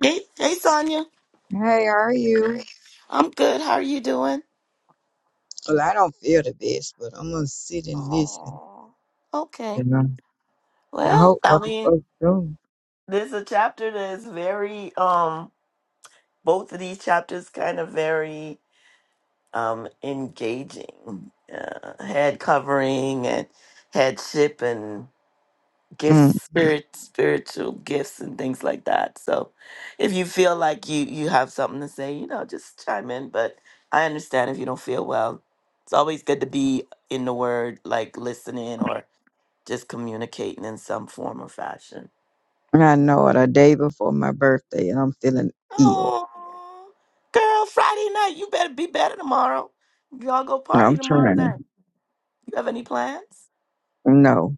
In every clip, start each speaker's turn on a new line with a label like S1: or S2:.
S1: Hey, hey, Sonia.
S2: Hey, how are you?
S1: I'm good. How are you doing?
S2: Well, I don't feel the best, but I'm gonna sit and listen.
S1: Oh, okay.
S2: You know, I
S1: Well,
S2: hope
S1: I
S2: other
S1: mean,
S2: folks do.
S1: there's a chapter that is very, um, both of these chapters kind of very, um, engaging. Uh, head covering and headship and
S2: Mm.
S1: gifts spirit spiritual gifts and things like that so if you feel like you you have something to say you know just chime in but i understand if you don't feel well it's always good to be in the word like listening or just communicating in some form or fashion
S2: I know it. A day before my birthday, and I'm feeling ill.
S1: oh girl friday night you better be better tomorrow y'all go
S2: And
S1: party
S2: I'm trying
S1: tomorrow night you have any plans
S2: to. No,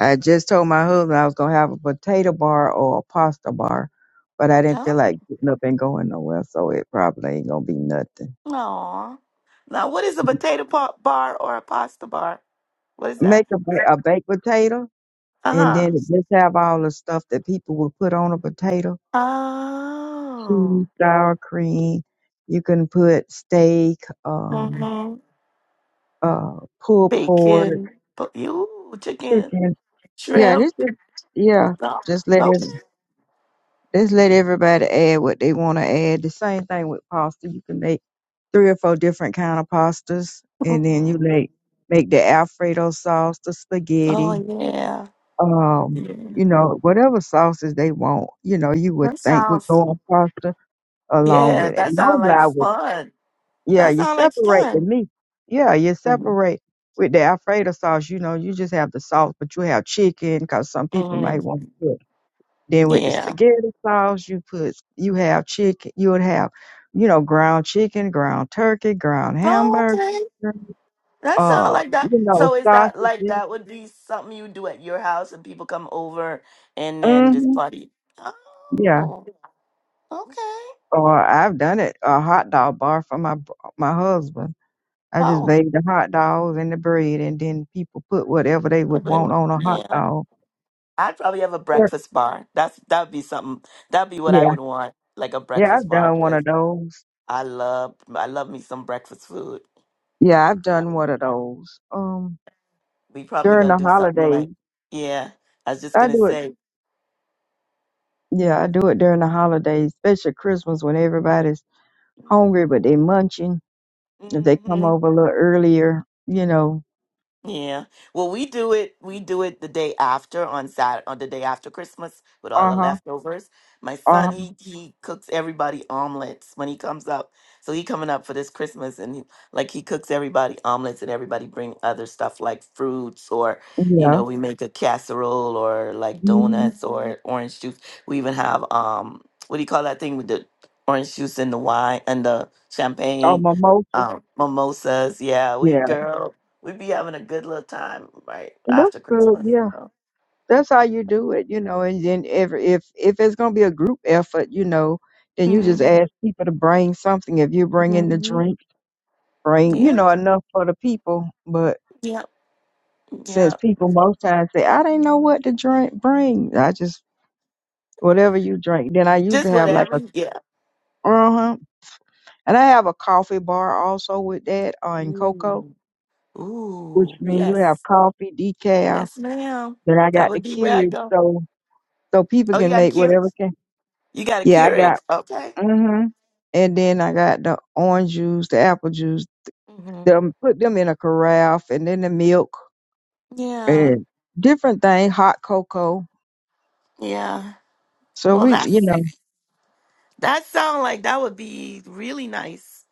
S2: I just told my husband I was gonna have a potato bar or a pasta bar, but I didn't feel
S1: oh
S2: like getting up and going nowhere, so it probably ain't gonna be nothing.
S1: Aw. now what is a potato pa- bar or a pasta bar what is that
S2: Make a, ba- a baked potato, and
S1: uh-huh
S2: then just have all the stuff that people would put on a potato
S1: Oh.
S2: cheese, sour cream. You can put steak, um,
S1: Mm-hmm.
S2: uh, pulled pork,
S1: Bacon, bu- you chicken,
S2: chicken. Yeah, and
S1: shrimp.
S2: it's just yeah,
S1: No,
S2: just let
S1: nope.
S2: it, just let everybody add what they want to add. The same thing with pasta. You can make three or four different kind of pastas, and then you
S1: Mhm.
S2: make make the Alfredo sauce, the spaghetti,
S1: Oh yeah.
S2: um,
S1: Yeah.
S2: you know, whatever sauces they want. You know, you would
S1: That
S2: think would go
S1: sounds.
S2: on pasta along
S1: Yeah,
S2: with it.
S1: that
S2: No
S1: sounds like
S2: lie,
S1: fun.
S2: Yeah,
S1: That
S2: you
S1: sounds like
S2: separate the
S1: fun.
S2: meat. Yeah, you
S1: Mm-hmm.
S2: separate with the Alfredo sauce. You know, you just have the sauce, but you have chicken because some people may
S1: hmm
S2: want to put. Then with the
S1: Yeah.
S2: spaghetti sauce, you put you have chicken. You would have, you know, ground chicken, ground turkey, ground
S1: Oh,
S2: hamburger.
S1: okay. That sounds
S2: Uh,
S1: like
S2: you
S1: that.
S2: know,
S1: So is that like
S2: sausages.
S1: that would be something you do at your house and people come over and then just
S2: Mm-hmm.
S1: party?
S2: Yeah.
S1: Oh, okay.
S2: Or I've done it a hot dog bar for my br- my husband. I just
S1: Oh,
S2: made the hot dogs and the bread, and then people put whatever they would want on a hot
S1: yeah.
S2: dog
S1: I'd probably have a
S2: Sure.
S1: breakfast bar. That's that'd be something. That'd be what I
S2: Yeah,
S1: would want, like a
S2: yeah,
S1: breakfast
S2: I've
S1: bar,
S2: done one
S1: because
S2: of those.
S1: I love I love me some breakfast food.
S2: Yeah, I've done one of those. Um,
S1: We probably
S2: during
S1: gonna
S2: the
S1: do something
S2: holidays,
S1: like, yeah. I was just
S2: I
S1: gonna
S2: do it.
S1: say,
S2: Yeah, I do it during the holidays, especially Christmas when everybody's hungry but they
S1: mm-hmm,
S2: munching. If they come
S1: mm-hmm.
S2: over a little earlier, you know.
S1: Yeah. Well, we do it. We do it the day after on Saturday, on the day after Christmas with all
S2: Uh
S1: the
S2: huh.
S1: leftovers. My
S2: Uh
S1: son,
S2: huh.
S1: he he cooks everybody omelets when he comes up. So he coming up for this Christmas, and he, like he cooks everybody omelets, and everybody bring other stuff like fruits, or you
S2: Yeah.
S1: know, we make a casserole, or like
S2: Mm-hmm.
S1: donuts, or orange juice. We even have um, what do you call that thing with the orange juice and the wine and the
S2: Or
S1: champagne,
S2: mimosas.
S1: um, mimosas. Yeah, we
S2: Yeah,
S1: girl we be having a good little time right
S2: that's
S1: after
S2: good.
S1: Christmas.
S2: Yeah,
S1: So.
S2: that's how you do it, you know. And then every if if it's gonna be a group effort, you know, then you just
S1: hmm
S2: ask people to bring something. If you bring in the
S1: hmm
S2: drink. bring, you
S1: Yep,
S2: know, enough for the people. But
S1: yep,
S2: since
S1: yep.
S2: people most times say, I didn't know what to drink, bring, I just, whatever you drink. Then I used to
S1: Just
S2: have like
S1: whatever.
S2: a,
S1: Yeah.
S2: uh huh. And I have a coffee bar also with that uh, and cocoa,
S1: Ooh,
S2: which
S1: Ooh,
S2: mean you have
S1: yes,
S2: coffee, decaf.
S1: yes, ma'am.
S2: Then I
S1: That
S2: got
S1: would
S2: the
S1: be where I
S2: Keurig,
S1: go.
S2: so so people
S1: Oh, you
S2: can
S1: got a
S2: make
S1: Keurig.
S2: whatever can.
S1: You got a
S2: Yeah, I
S1: Keurig.
S2: got.
S1: Okay.
S2: Mm-hmm. And then I got the orange juice, the apple juice.
S1: hmm
S2: Them put them in a carafe, and then the milk
S1: Yeah,
S2: and different thing, hot cocoa
S1: yeah.
S2: So
S1: Well,
S2: we, you
S1: that's
S2: know,
S1: that sound like that would be really nice.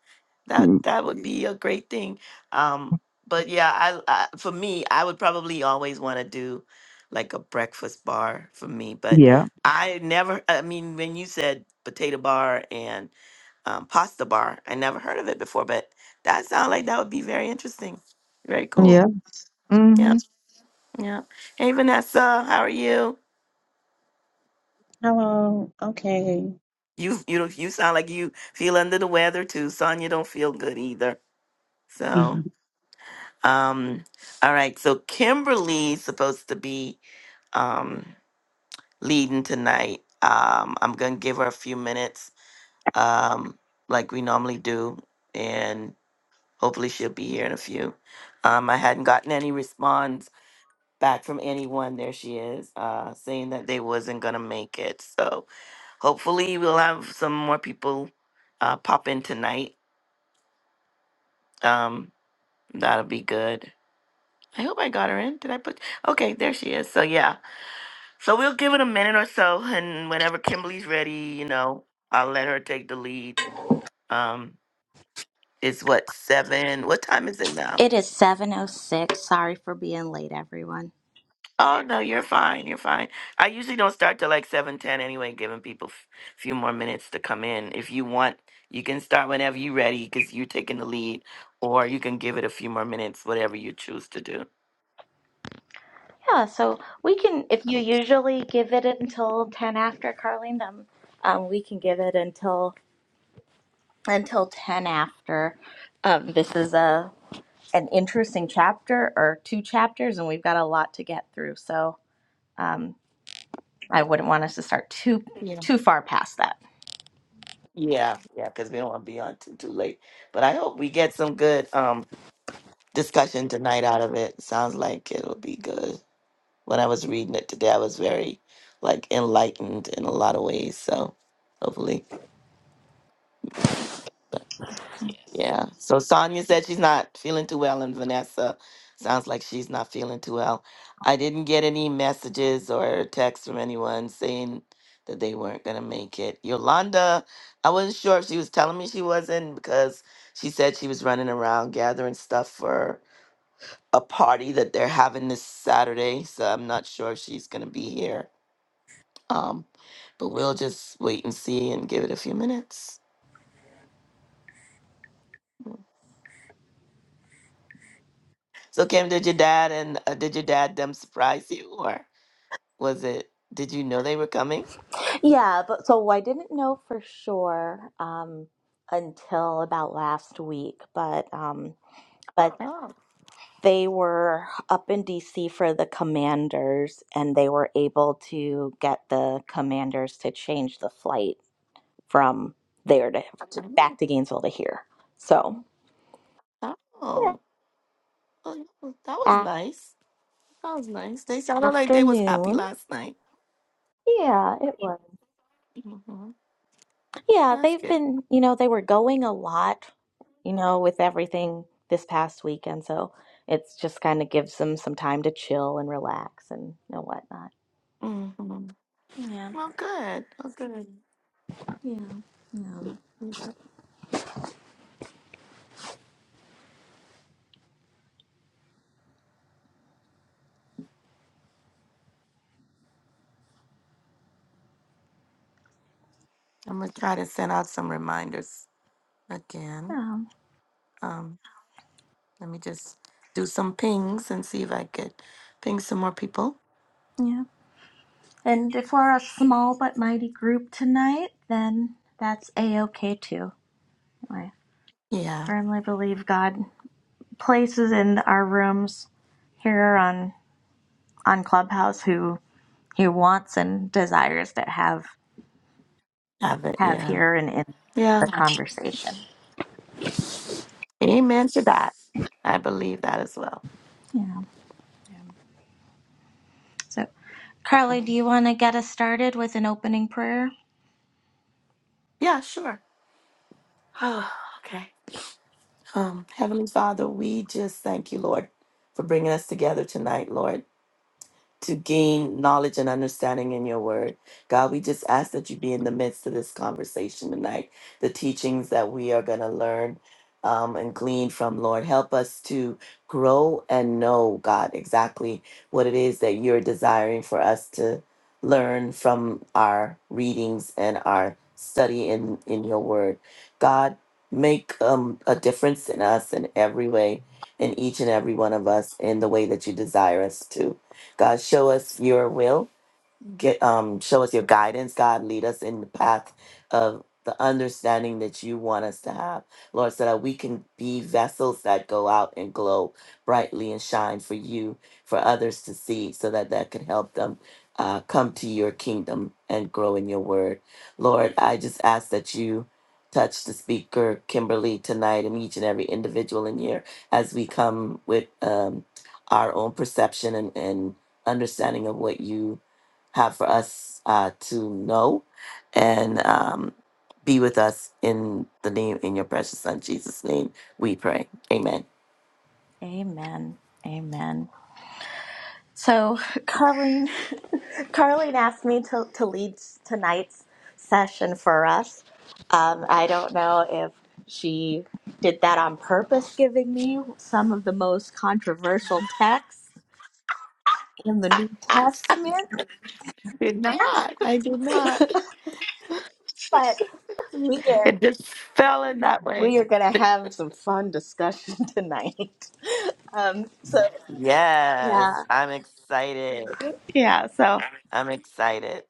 S1: That
S2: mm,
S1: that would be a great thing. Um, but yeah, I, I for me, I would probably always want to do like a breakfast bar for me. But
S2: yeah,
S1: I never, I mean, when you said potato bar and um, pasta bar, I never heard of it before. But that sounds like that would be very interesting, very cool.
S2: yeah.
S1: Yeah,
S2: hmm
S1: yeah. Hey Vanessa, how are you?
S3: Hello. Okay.
S1: You you you sound like you feel under the weather too. Sonya don't feel good either. So.
S3: hmm
S1: Um, all right, so Kimberly's supposed to be um leading tonight. Um, I'm gonna give her a few minutes, um, like we normally do, and hopefully she'll be here in a few. Um, I hadn't gotten any response back from anyone. There she is, uh, saying that they wasn't gonna make it. So hopefully we'll have some more people uh pop in tonight. Um, that'll be good. I hope I got her in. Did I put? Okay, there she is. So yeah. So we'll give it a minute or so, and whenever Kimberly's ready, you know, I'll let her take the lead. Um, it's what seven? What time is it now?
S4: It is 7:06. Sorry for being late, everyone.
S1: Oh no, you're fine. You're fine. I usually don't start till like seven ten anyway, giving people a few more minutes to come in. If you want, you can start whenever you're ready because you're taking the lead, or you can give it a few more minutes, whatever you choose to do.
S4: Yeah, so we can if you
S1: Um,
S4: usually give it until 10 after Carlene, then um, we can give it until until 10 after. Um, this is a an interesting chapter or two chapters and we've got a lot to get through. So, um, I wouldn't want us to start too
S1: Yeah,
S4: too far past that.
S1: yeah, yeah. Because we don't want to be on too too late. But I hope we get some good. um discussion tonight out of it. Sounds like it'll be good. When I was reading it today, I was very like enlightened in a lot of ways. So hopefully, but yeah. So Sonia said she's not feeling too well, and Vanessa sounds like she's not feeling too well. I didn't get any messages or texts from anyone saying that they weren't gonna make it. Yolanda, I wasn't sure if she was telling me she wasn't because she said she was running around gathering stuff for a party that they're having this Saturday, so I'm not sure if she's going to be here. Um, but we'll just wait and see and give it a few minutes. So, Kim, did your dad and uh, did your dad them surprise you, or was it? Did you know they were coming?
S4: Yeah, but so I didn't know for sure um until about last week, but um but
S1: Oh,
S4: They were up in DC for the commanders, and they were able to get the commanders to change the flight from there to, to
S1: I didn't
S4: back to Gainesville to here. So,
S1: know. oh, oh well, that was that was
S4: yeah,
S1: nice. That was nice. They sounded like they was happy
S4: afternoon.
S1: last night.
S4: Yeah, it was.
S1: hmm
S4: Yeah,
S1: That's
S4: they've
S1: good.
S4: been, you know, they were going a lot, you know, with everything this past weekend. So it's just kind of gives them some time to chill and relax and you know, whatnot.
S1: hmm
S4: Yeah,
S1: Well, good. Well, good.
S4: yeah, yeah,
S1: Yeah. I'm gonna try to send out some reminders again.
S4: yeah.
S1: Um, Let me just do some pings and see if I could ping some more people.
S4: yeah. And if we're a small but mighty group tonight, then that's a okay too. I
S1: Yeah,
S4: firmly believe God places in our rooms here on on Clubhouse who He wants and desires to have
S1: have it.
S4: have
S1: Yeah,
S4: here and in
S1: yeah.
S4: the conversation.
S1: Amen to that. I believe that as well.
S4: Yeah. So, Carly, do you want to get us started with an opening prayer?
S1: Yeah, sure. Oh, okay. Um, Heavenly Father, we just thank you, Lord, for bringing us together tonight, Lord. to gain knowledge and understanding in your word. God, we just ask that you be in the midst of this conversation tonight, the teachings that we are going to learn um, and glean from, Lord. Help us to grow and know, God, exactly what it is that you're desiring for us to learn from our readings and our study in, in your word. God, make um, a difference in us in every way, in each and every one of us, in the way that you desire us to. God, show us your will get um show us your guidance god lead us in the path of the understanding that you want us to have lord so that we can be vessels that go out and glow brightly and shine for you for others to see so that that can help them uh, come to your kingdom and grow in your word lord i just ask that you touch the speaker kimberly tonight and each and every individual in here as we come with um, our own perception and, and understanding of what you have for us uh, to know and um, be with us in the name in your precious son Jesus' name. We pray. Amen.
S4: Amen. Amen. So, Carleen, Carleen asked me to, to lead tonight's session for us. Um, I don't know if she did that on purpose, giving me some of the most controversial texts in the New Testament,
S1: Did not. I did not.
S4: but we are
S1: It just fell in that way.
S4: we are going to have some fun discussion tonight. Um, so
S1: Yes,
S4: yeah,
S1: I'm excited.
S4: yeah. So.
S1: I'm excited.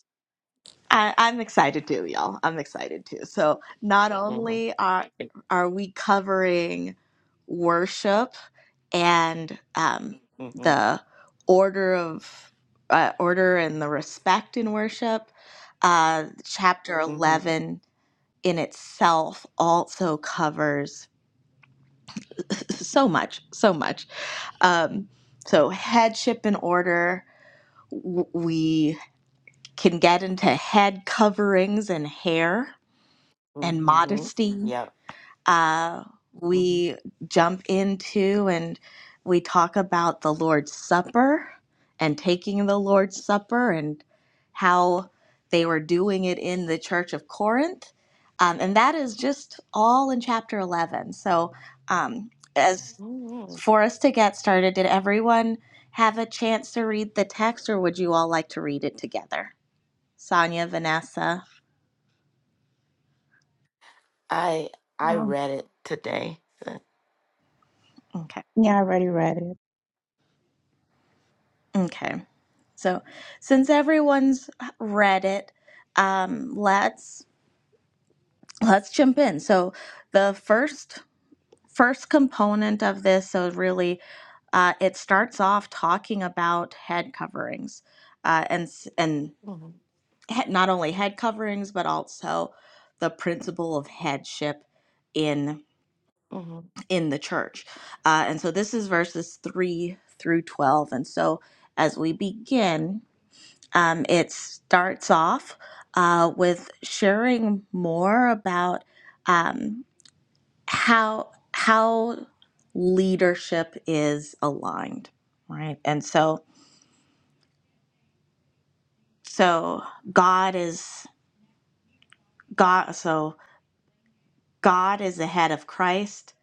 S4: I, I'm excited too, y'all. I'm excited too. So not
S1: hmm
S4: only are are we covering worship and um,
S1: hmm
S4: the order of uh, order and the respect in worship, uh, chapter
S1: hmm
S4: eleven in itself also covers so much, so much. Um, so headship and order. w- We can get into head coverings and hair and
S1: hmm
S4: modesty.
S1: Yep.
S4: Uh,
S1: hmm
S4: we jump into and we talk about the Lord's Supper and taking the Lord's Supper and how they were doing it in the Church of Corinth. Um, and that is just all in chapter 11. So, um, as
S1: hmm
S4: for us to get started, did everyone have a chance to read the text or would you all like to read it together? Sonia, Vanessa?
S1: I I
S3: Um,
S1: read it today.
S4: Okay.
S3: yeah, I already read it.
S4: Okay. So, since everyone's read it, um, let's let's jump in. So, the first first component of this, so really, uh, it starts off talking about head coverings, uh, and s- and
S1: hmm
S4: he- not only head coverings, but also the principle of headship in
S1: hmm
S4: in the church. Uh, and so, this is verses three through twelve. And so, as we begin. Um, it starts off uh, with sharing more about um, how how leadership is aligned, right? And so, so God is God. So God is the head of Christ.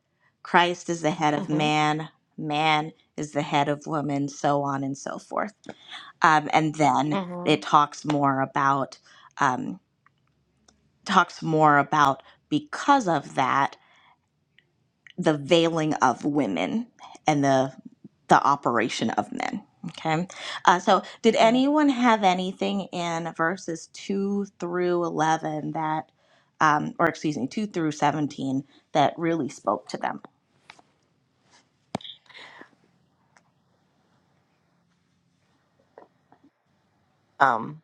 S4: Christ is the head of
S1: hmm
S4: man. Man is the head of woman. So on and so forth. Um, and then it talks more about um, talks more about because of that. the veiling of women and the the operation of men. Okay. Uh, so, did
S1: hmm
S4: anyone have anything in verses 2 through 11 that, um, or excuse me, 2 through 17 that really spoke to them?
S1: Um.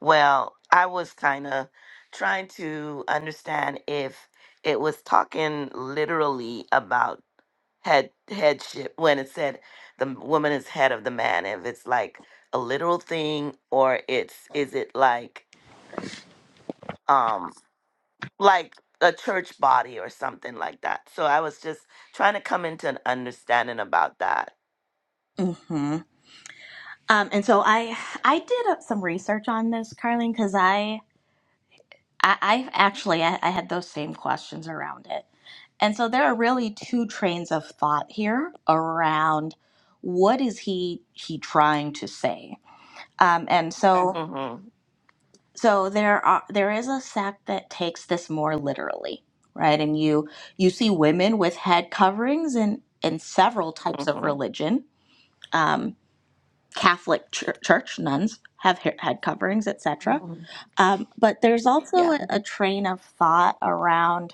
S1: Well, I was kind of trying to understand if it was talking literally about head headship when it said the m- woman is head of the man, if it's like a literal thing or it's is it like um like a church body or something like that. So I was just trying to come into an understanding about that.
S4: hmm Um, and so I I did up some research on this, Carlene, because I, I, I actually I, I had those same questions around it. And so there are really two trains of thought here around what is he he trying to say. Um, and so
S1: Mhm.
S4: so there are there is a sect that takes this more literally, right? And you you see women with head coverings in in several types
S1: Mhm.
S4: of
S1: Mhm.
S4: religion. Um, Catholic chur- church nuns have he- head coverings, etc.
S1: mhm.
S4: Um, but there's also
S1: Yeah.
S4: a, a train of thought around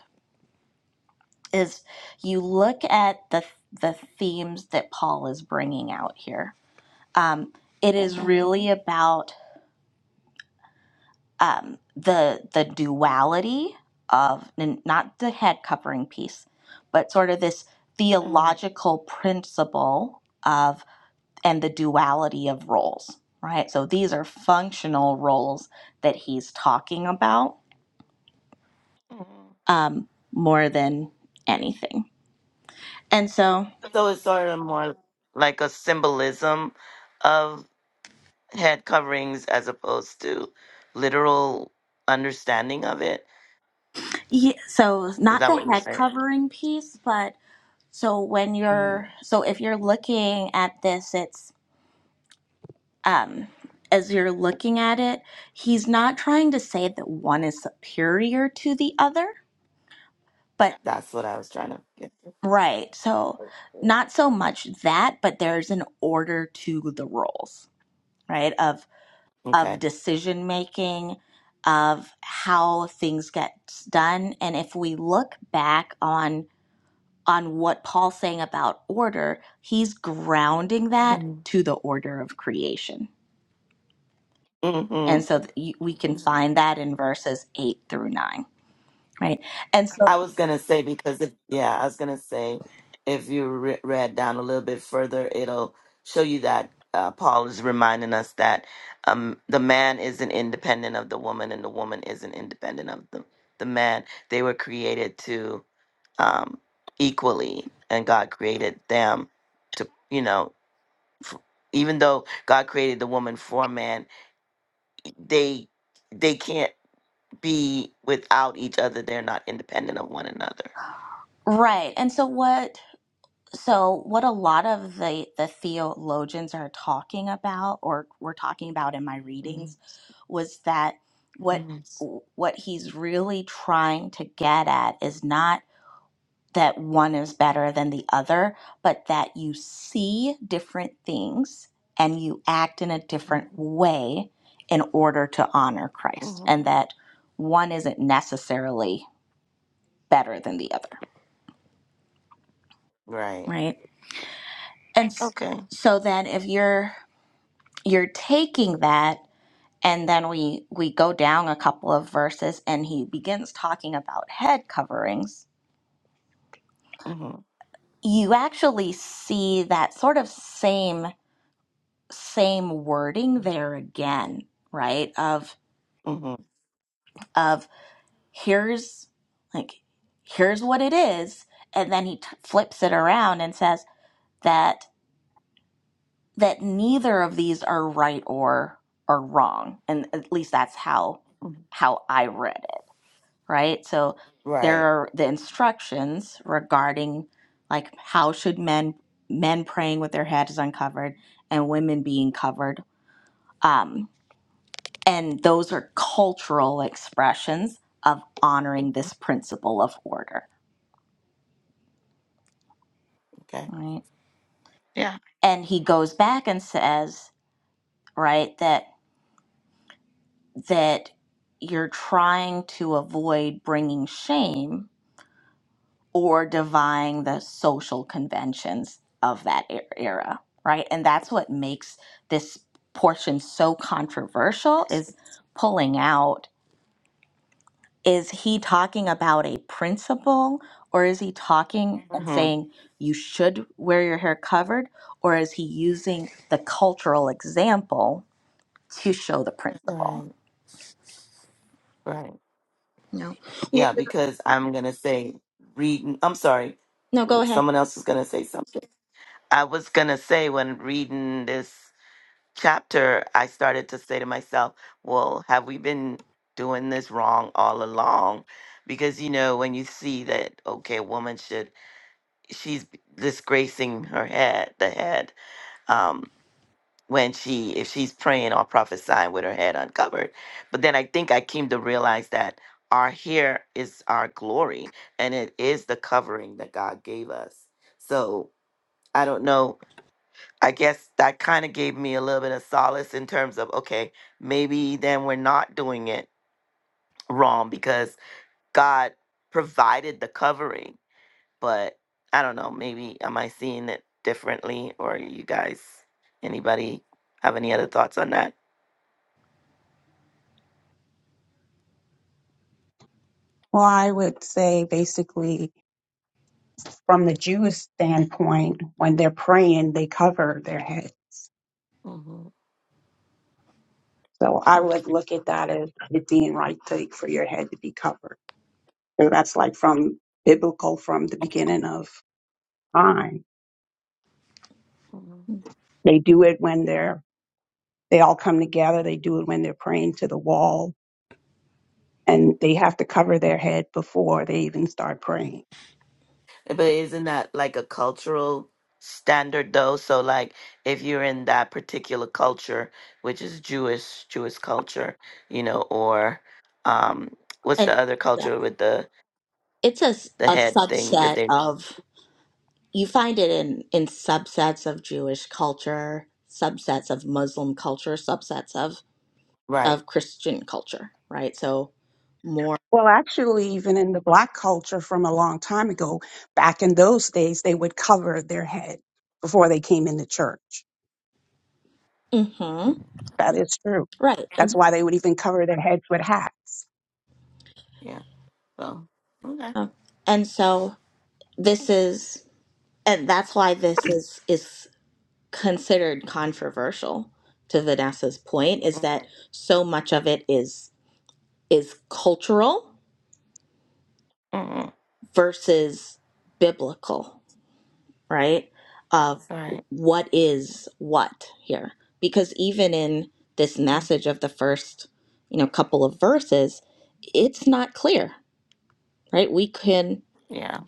S4: is you look at the the themes that Paul is bringing out here. Um, it is
S1: Mhm.
S4: really about um, the the duality of n- not the head covering piece, but sort of this theological principle of and the duality of roles, right? So these are functional roles that he's talking about
S1: Mhm.
S4: um, more than anything. And so
S1: So it's sort of more like a symbolism of head coverings as opposed to literal understanding of it.
S4: Yeah, so
S1: Is
S4: not
S1: that
S4: the
S1: what you're
S4: head
S1: saying?
S4: covering piece, but so when
S1: Mhm.
S4: you're so if you're looking at this, it's um as you're looking at it, he's not trying to say that one is superior to the other, but
S1: That's what I was trying to get.
S4: right. So not so much that, but there's an order to the roles, right? Of of
S1: Okay.
S4: decision making, of how things get done, and if we look back on on what Paul's saying about order, he's grounding that
S1: Mm-hmm.
S4: to the order of creation. And
S1: Mm-hmm.
S4: so th- you- we can find that in verses 8 through 9, right? And so
S1: I was gonna say because if yeah, I was gonna say if you re- read down a little bit further, it'll show you that uh, Paul is reminding us that um, the man isn't independent of the woman, and the woman isn't independent of the the man. They were created to um, equally, and God created them to you know. f even though God created the woman for man, they they can't be without each other. They're not independent of one another.
S4: right. And so what so what a lot of the the theologians are talking about or were talking about in my readings was that what
S1: Yes.
S4: what he's really trying to get at is not that one is better than the other, but that you see different things and you act in a different
S1: Mm-hmm.
S4: way in order to honor Christ, and that one isn't necessarily better than the other,
S1: Right.
S4: right? And s-
S1: Okay.
S4: so then if you're you're taking that and then we we go down a couple of verses and he begins talking about head coverings,
S1: Mm-hmm.
S4: you actually see that sort of same same wording there again, right? Of
S1: Mm-hmm.
S4: of here's like here's what it is, and then he t- flips it around and says that that neither of these are right or or wrong, and at least that's how how I read it, right? So there
S1: Right.
S4: are the instructions regarding like how should men men praying with their heads uncovered and women being covered. um, And those are cultural expressions of honoring this principle of order,
S1: Okay.
S4: right?
S1: Yeah.
S4: And he goes back and says, right, that that you're trying to avoid bringing shame or defying the social conventions of that e- era, right? And that's what makes this portion so controversial is pulling out is he talking about a principle or is he talking and
S1: Mm-hmm.
S4: saying you should wear your hair covered or is he using the cultural example to show the principle
S1: Right. Right. Yeah, because I'm gonna say reading. I'm sorry. Someone else was gonna say something. I was gonna say when reading this chapter, I started to say to myself, "Well, have we been doing this wrong all along?" Because you know when you see that okay, a woman should she's disgracing her head, the head. um, when she if she's praying or prophesying with her head uncovered. But then I think I came to realize that our hair is our glory and it is the covering that God gave us. So I don't know. I guess that kind of gave me a little bit of solace in terms of okay, maybe then we're not doing it wrong because God provided the covering. But I don't know, maybe am I seeing it differently or you guys anybody have any other thoughts on that?
S3: Well, I would say basically, from the Jewish standpoint, when they're praying, they cover their head. So I would
S1: Okay.
S3: look at that as it being right to, for your head to be covered. So that's like from biblical, from the beginning of time.
S1: Mhm.
S3: They do it when they're, they all come together. They do it when they're praying to the wall and they have to cover their head before they even start praying.
S1: But isn't that like a cultural standard though? So like if you're in that particular culture, which is Jewish, Jewish culture, you know, or um what's the
S4: And
S1: other
S4: yeah,
S1: culture with the
S4: it's a, s-
S1: the
S4: a
S1: head thing that
S4: subset
S1: they
S4: of, you find it in, in subsets of Jewish culture, subsets of Muslim culture, subsets of,
S1: right.
S4: of Christian culture, right? So more.
S3: Well, actually, even in the black culture from a long time ago, back in those days, they would cover their head before they came into church.
S4: hmm
S3: That is true.
S4: right.
S3: That's
S4: And,
S3: why they would even cover their heads with hats.
S1: Yeah. So okay.
S4: uh, and so this is. and that's why this is is considered controversial to Vanessa's point is that
S1: Mhm.
S4: so much of it is is cultural
S1: Mhm.
S4: versus biblical, right? Of
S1: Right.
S4: what is what here. Because even in this
S1: Mm.
S4: message of the first, you know, couple of verses, it's not clear, right? We can
S1: Yeah.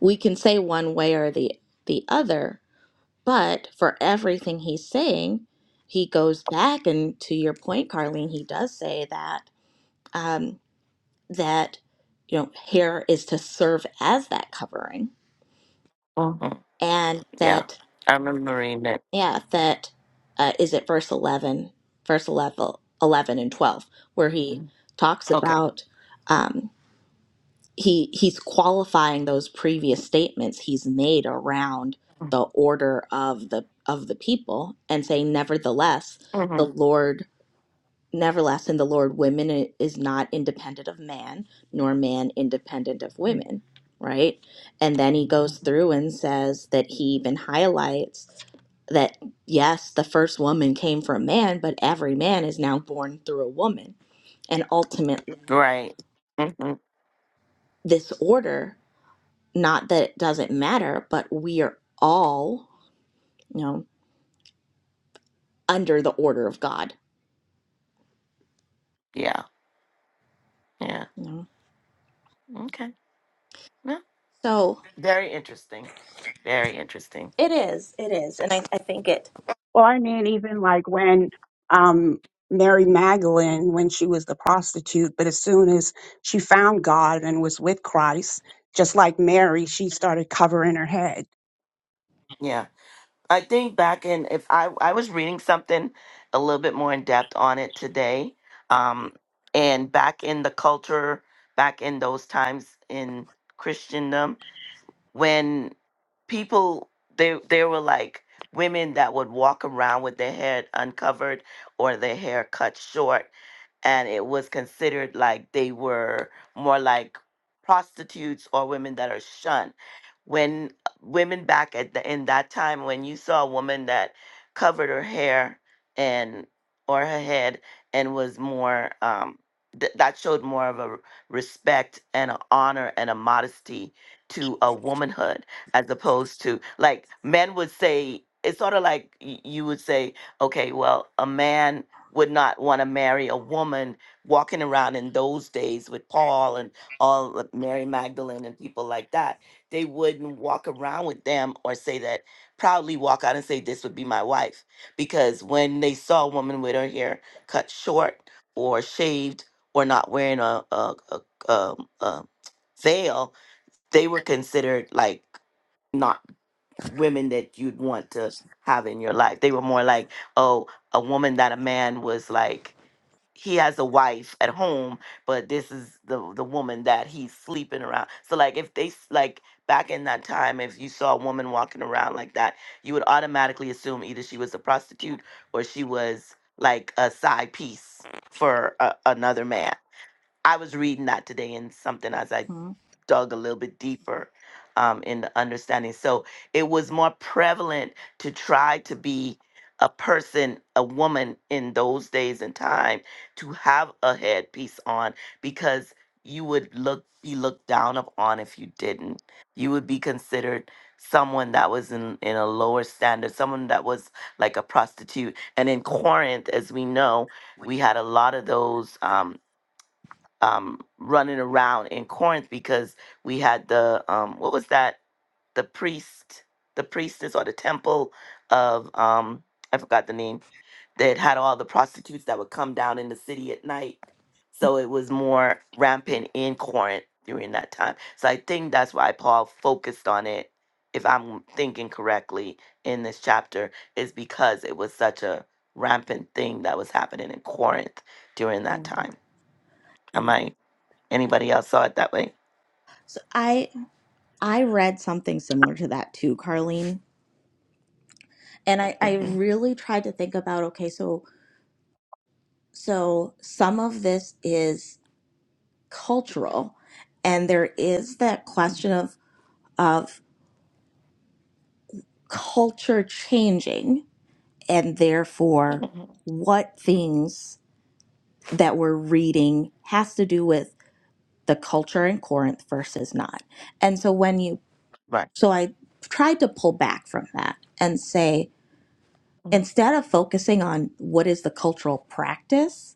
S4: we can say one way or the the other, But for everything he's saying, he goes back and to your point, Carlene, he does say that um, that you know hair is to serve as that covering,
S1: Mhm.
S4: and
S1: Yeah.
S4: that
S1: I remember reading it.
S4: yeah, that uh, is it verse eleven, verse 11, 11 and twelve, where he
S1: Mm.
S4: talks
S1: Okay.
S4: about. Um, he he's qualifying those previous statements he's made around the order of the of the people and saying nevertheless the
S1: Mhm.
S4: lord nevertheless in the lord women i- is not independent of man nor man independent of women right and then he goes through and says that he even highlights that yes, the first woman came from man, but every man is now born through a woman. And ultimately,
S1: Right. Mhm.
S4: this order Not that it doesn't matter, but we are all, you know, under the order of God.
S1: Yeah. Yeah.
S4: You know?
S1: Okay. Yeah.
S4: So
S1: Very interesting. Very interesting.
S4: it is, it is, and I, I think it.
S3: Well, I mean, even like when um, Mary Magdalene, when she was the prostitute, but as soon as she found God and was with Christ, just like Mary, she started covering her head.
S1: Yeah. I think back in if I I was reading something a little bit more in depth on it today. Um and back in the culture, back in those times in Christendom when people they there were like women that would walk around with their head uncovered or their hair cut short and it was considered like they were more like prostitutes or women that are shunned. When women back at the in that time, when you saw a woman that covered her hair and or her head and was more um, th- that showed more of a r- respect and an honor and a modesty to a womanhood as opposed to like men would say it's sort of like y- you would say okay well a man would not want to marry a woman walking around in those days with Paul and all of Mary Magdalene and people like that. They wouldn't walk around with them or say that proudly walk out and say this would be my wife because when they saw a woman with her hair cut short or shaved or not wearing a a, a, a, a veil, they were considered like not women that you'd want to have in your life. They were more like, oh, a woman that a man was like he has a wife at home, but this is the the woman that he's sleeping around. So like if they s- like back in that time, if you saw a woman walking around like that, you would automatically assume either she was a prostitute or she was like a side piece for a, another man. I was reading that today in something as I
S4: Hmm.
S1: dug a little bit deeper um, in the understanding. So it was more prevalent to try to be a person, a woman in those days and time to have a headpiece on because you would look be looked down upon if you didn't. You would be considered someone that was in, in a lower standard, someone that was like a prostitute. And in Corinth, as we know, we had a lot of those um, um, running around in Corinth because we had the um, what was that? The priest, the priestess, or the temple of um, I forgot the name. That had all the prostitutes that would come down in the city at night. So it was more rampant in Corinth during that time. So I think that's why Paul focused on it, if I'm thinking correctly, in this chapter, is because it was such a rampant thing that was happening in Corinth during that
S4: Yeah.
S1: time. Am I? Anybody else saw it that way?
S4: So I I read something similar to that too, Carlene. And I, I
S1: hmm
S4: really tried to think about okay, so so some of this is cultural and there is that question of of culture changing and therefore
S1: hmm
S4: what things that we're reading has to do with the culture in Corinth versus not. And so when you,
S1: Right.
S4: so I tried to pull back from that and say, instead of focusing on what is the cultural practice,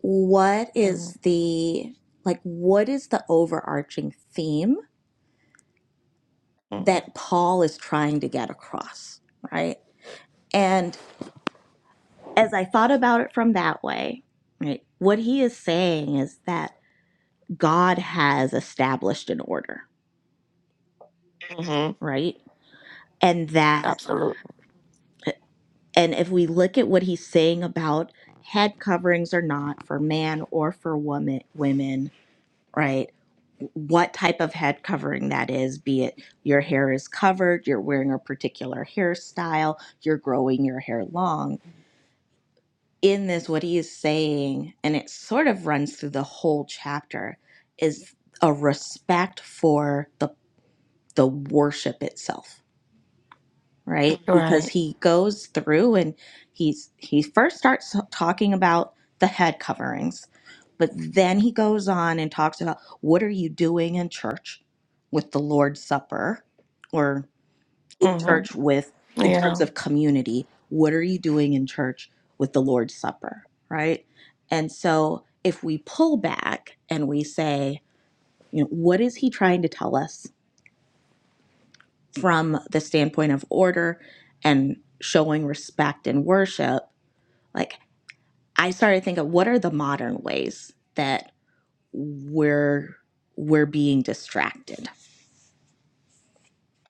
S4: what
S1: Mm-hmm.
S4: is the, like, what is the overarching theme
S1: hmm
S4: that Paul is trying to get across, right? And as I thought about it from that way, right, what he is saying is that God has established an order,
S1: hmm
S4: right? and that
S1: Absolutely.
S4: and if we look at what he's saying about head coverings or not for man or for woman women right what type of head covering that is be it your hair is covered you're wearing a particular hairstyle you're growing your hair long in this what he is saying and it sort of runs through the whole chapter is a respect for the the worship itself right
S1: You're
S4: because
S1: Right.
S4: he goes through and he's he first starts talking about the head coverings but then he goes on and talks about what are you doing in church with the lord's supper or in
S1: hmm
S4: church with in terms
S1: Yeah.
S4: of community what are you doing in church with the lord's supper right and so if we pull back and we say you know what is he trying to tell us from the standpoint of order and showing respect and worship, like I started thinking, what are the modern ways that we're we're being distracted?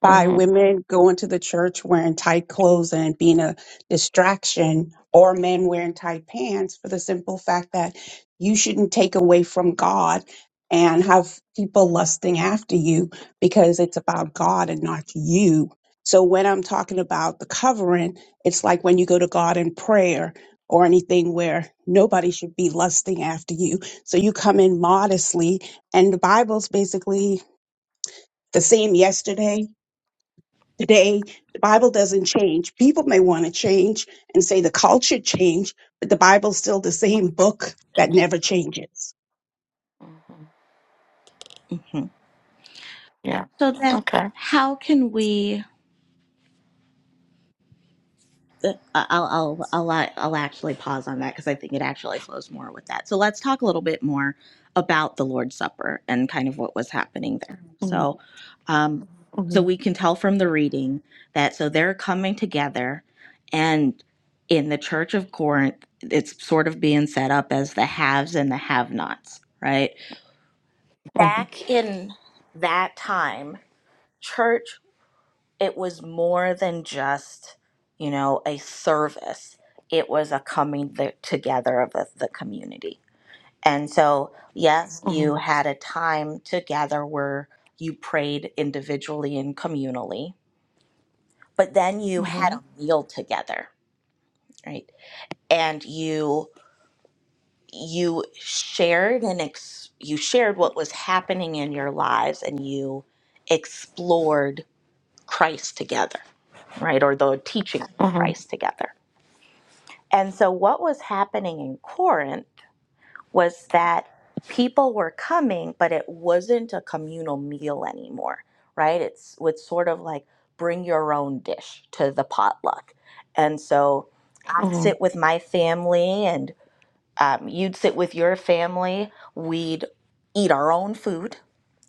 S3: by
S1: hmm
S3: women going to the church wearing tight clothes and being a distraction or men wearing tight pants for the simple fact that you shouldn't take away from God and have people lusting after you because it's about God and not you. So when I'm talking about the covering, it's like when you go to God in prayer or anything where nobody should be lusting after you. So you come in modestly and the Bible's basically the same yesterday Today, the Bible doesn't change. People may want to change and say the culture changed, but the Bible's still the same book that never changes.
S1: hmm
S4: Mhm.
S1: Yeah.
S4: So that
S1: Okay.
S4: how can we? I'll I'll I'll a- I'll actually pause on that because I think it actually flows more with that. So let's talk a little bit more about the Lord's Supper and kind of what was happening there.
S1: Mm-hmm.
S4: So, um, so
S1: hmm
S4: we can tell from the reading that so they're coming together, and in the Church of Corinth, it's sort of being set up as the haves and the have-nots, right?
S1: hmm
S4: Back in that time, church it was more than just you know a service it was a coming th- together of the, the community and so yes
S1: hmm
S4: you had a time together where you prayed individually and communally but then you had
S1: hmm
S4: a meal together right and you you shared and ex- you shared what was happening in your lives and you explored christ together right or the teaching of
S1: hmm
S4: christ together And so, what was happening in Corinth was that people were coming, but it wasn't a communal meal anymore, right? It's, it's sort of like bring your own dish to the potluck. And so, I'd sit with my family, and um, you'd sit with your family. We'd eat our own food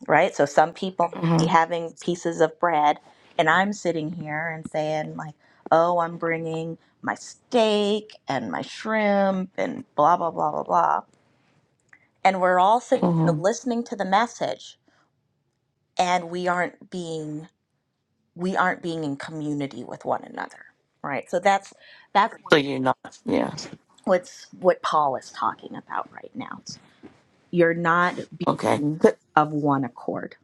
S4: right? So some people may be
S1: hmm
S4: having pieces of bread, and I'm sitting here and saying like, "Oh, I'm bringing my steak and my shrimp and blah blah blah blah blah," and we're all sitting there
S1: hmm
S4: listening to the message, and we aren't being we aren't being in community with one another, right? So that's that's
S1: So you're not. Yeah.
S4: what's what Paul is talking about right now. You're not
S1: Okay.
S4: being
S1: Because
S4: of one accord.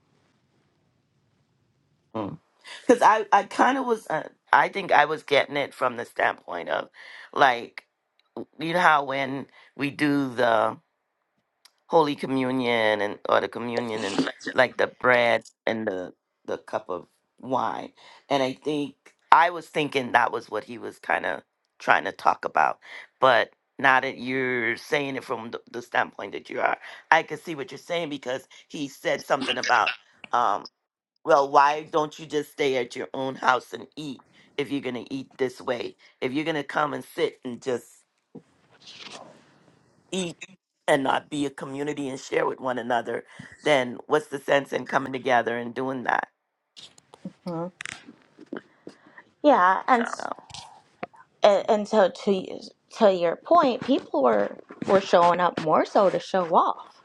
S1: I, I kind of was, uh, I think I was getting it from the standpoint of like, you know how when we do the Holy Communion and or the communion and like the bread and the the cup of wine. And I think I was thinking that was what he was kind of trying to talk about. But now that you're saying it from the, the standpoint that you are, I can see what you're saying because he said something about, um, well, why don't you just stay at your own house and eat if you're gonna eat this way? If you're gonna come and sit and just eat and not be a community and share with one another, then what's the sense in coming together and doing that?
S4: Mhm. Yeah, and and, and so to to your point, people were were showing up more so to show off,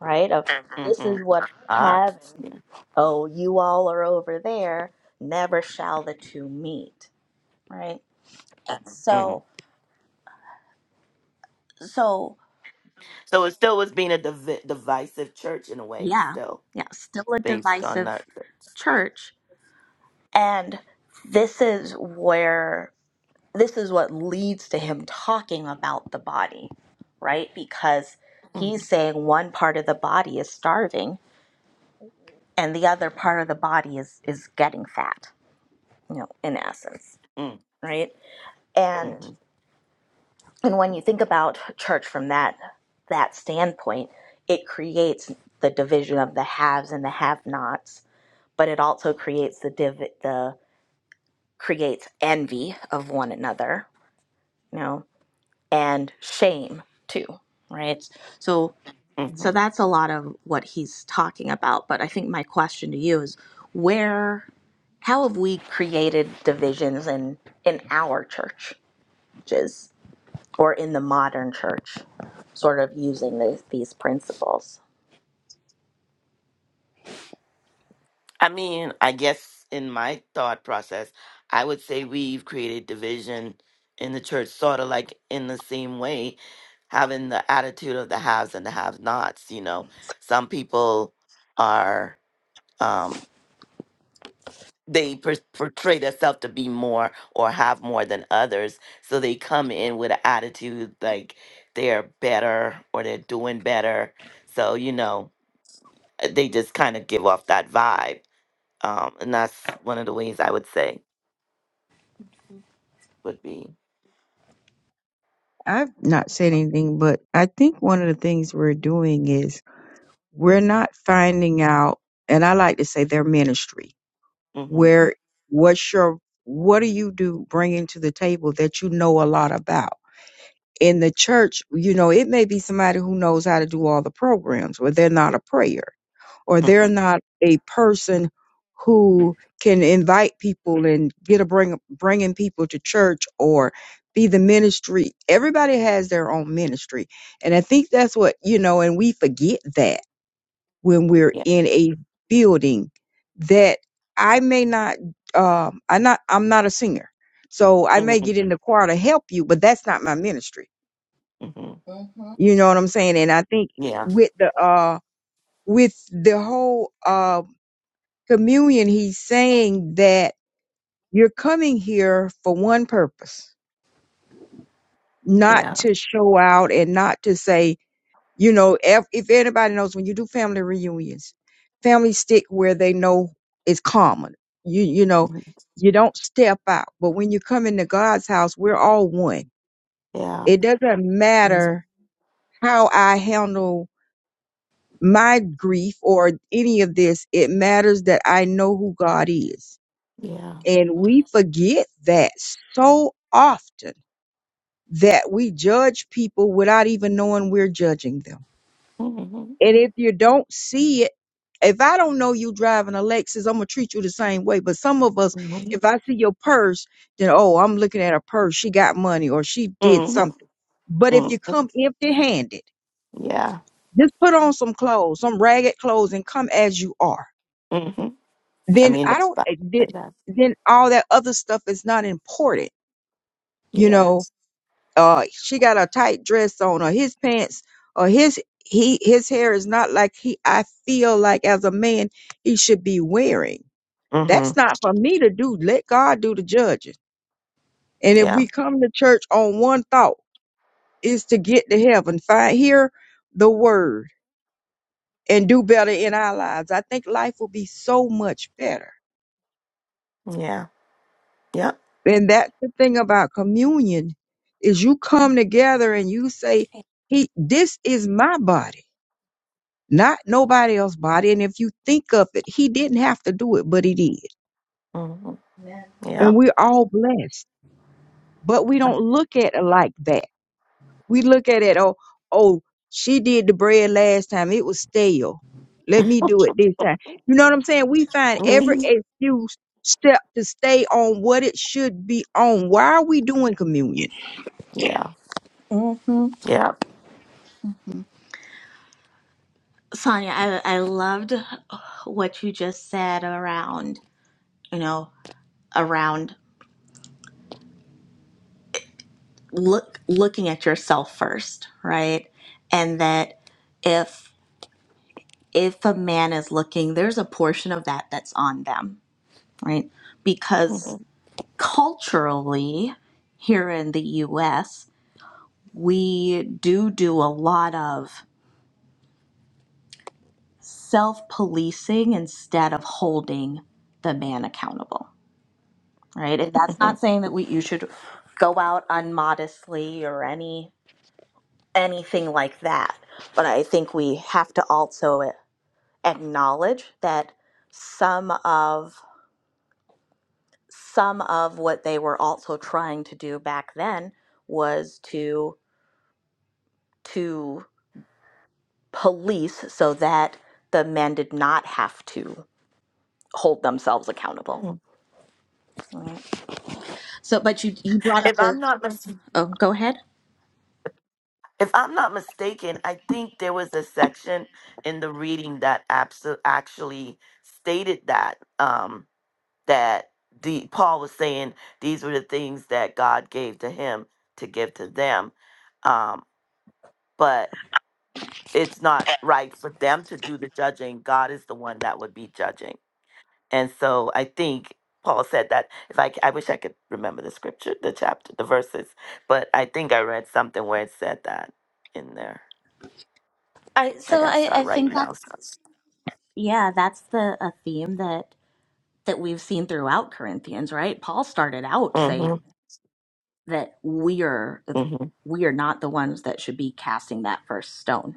S4: right? Of
S1: So,
S4: this
S1: hmm
S4: is what I
S1: ah,
S4: have. And,
S1: yeah,
S4: oh, you all are over there. Never shall the two meet, right?
S1: mhm.
S4: so so
S1: so it still was being a div- divisive church in a way,
S4: yeah,
S1: still
S4: yeah, still a
S1: based on that.
S4: divisive church, and this is where this is what leads to him talking about the body, right? Because he's
S1: Mm-hmm.
S4: saying one part of the body is starving and the other part of the body is is getting fat you know in essence right and
S1: hmm
S4: and when you think about church from that that standpoint it creates the division of the haves and the have-nots but it also creates the div the creates envy of one another you know and shame too right so
S1: hmm
S4: So that's a lot of what he's talking about. But I think my question to you is where, how have we created divisions in, in our churches or in the modern church, sort of using these, these principles?
S1: I mean, I guess in my thought process, I would say we've created division in the church, sort of like in the same way, having the attitude of the haves and the have-nots. You know, some people are. um, they per- portray themselves to be more or have more than others. So they come in with an attitude like they're better or they're doing better. So, you know, uh, they just kind of give off that vibe. Um, and that's one of the ways I would say would be.
S2: I've not said anything, but I think one of the things we're doing is we're not finding out, and I like to say their ministry.
S1: hmm
S2: Where, what's your, what do you do bringing to the table that you know a lot about? In the church, you know, it may be somebody who knows how to do all the programs, but they're not a prayer or
S1: hmm
S2: they're not a person who can invite people and get a bring bringing people to church or be the ministry. Everybody has their own ministry, and I think that's what you know. And we forget that when we're
S1: yeah.
S2: in a building that I may not. Um, I not. I'm not a singer, so I
S1: hmm
S2: may get in the choir to help you, but that's not my ministry.
S1: hmm
S4: Mm-hmm.
S2: You know what I'm saying? And I think
S1: yeah.
S2: with the uh with the whole um communion, he's saying that you're coming here for one purpose, not
S1: Yeah.
S2: to show out and not to say, you know, if, if anybody knows when you do family reunions, families stick where they know is common. You, you know,
S1: mhm,
S2: you don't step out. But when you come into God's house, we're all one.
S1: Yeah.
S2: It doesn't
S1: mhm,
S2: matter how I handle my grief or any of this. It matters that I know who God is
S1: Yeah.
S2: And we forget that so often that we judge people without even knowing we're judging them.
S1: hmm
S2: And if you don't see it, if I don't know you driving a Lexus, I'm gonna treat you the same way. But some of us,
S1: hmm
S2: if I see your purse, then oh, I'm looking at her purse. She got money or she did something. But if
S1: hmm
S2: you come empty handed,
S1: Yeah.
S2: just put on some clothes, some ragged clothes, and come as you are.
S1: hmm I
S2: Then
S1: mean,
S2: I
S1: the
S2: don't.
S1: Bible
S2: eh,
S1: say
S2: Then
S1: that.
S2: then all that other stuff is not important you
S1: Yeah.
S2: know uh she got a tight dress on or his pants or his he his hair is not like he I feel like as a man he should be wearing. That's
S1: Mm-hmm.
S2: not for me to do. Let God do the judging. And if
S1: Yeah.
S2: we come to church on one thought is to get to heaven, find hear the word and do better in our lives. I think life will be so much better.
S1: Yeah. Yep.
S2: And that's the thing about communion is you come
S4: Mm-hmm.
S2: together and you say, He this is my body not nobody else's body. And if you think of it, he didn't have to do it, but he did.
S1: Mm-hmm.
S4: Amen.
S2: And
S1: Yep.
S2: we're all blessed. But we don't look at it like that. We look at it, oh, oh, she did the bread last time. It was stale. Let me do it this time. You know what I'm saying? We find every
S1: hmm
S2: excuse step to stay on what it should be on. Why are we doing communion?
S1: Yeah.
S4: Mm-hmm.
S1: Yep.
S4: Sonia, I, I loved what you just said around, you know, around look looking at yourself first, right? And that if if a man is looking, there's a portion of that that's on them, right? Because culturally, here in the US, we do do a lot of self policing instead of holding the man accountable, right? And that's not
S1: Mm-hmm.
S4: saying that we, you should go out unmodestly or any anything like that. But I think we have to also acknowledge that some of some of what they were also trying to do back then was to to police so that the men did not have to hold themselves accountable.
S1: hmm
S4: Right. So, but you you brought up
S1: If
S4: a
S1: I'm not mis-
S4: oh, go ahead.
S1: if I'm not mistaken, I think there was a section in the reading that abso- actually stated that um that the Paul was saying these were the things that God gave to him to give to them. Um, but it's not right for them to do the judging. God is the one that would be judging. And so I think Paul said that if I, c- I wish I could remember the scripture, the chapter, the verses, but I think I read something where it said that in there.
S4: I
S1: I
S4: so
S1: got to
S4: I
S1: start
S4: I think
S1: writing
S4: that
S1: now.
S4: yeah, that's the a theme that that we've seen throughout Corinthians, right? Paul started out saying
S1: Mm-hmm.
S4: that we are
S1: Mm-hmm.
S4: we are not the ones that should be casting that first stone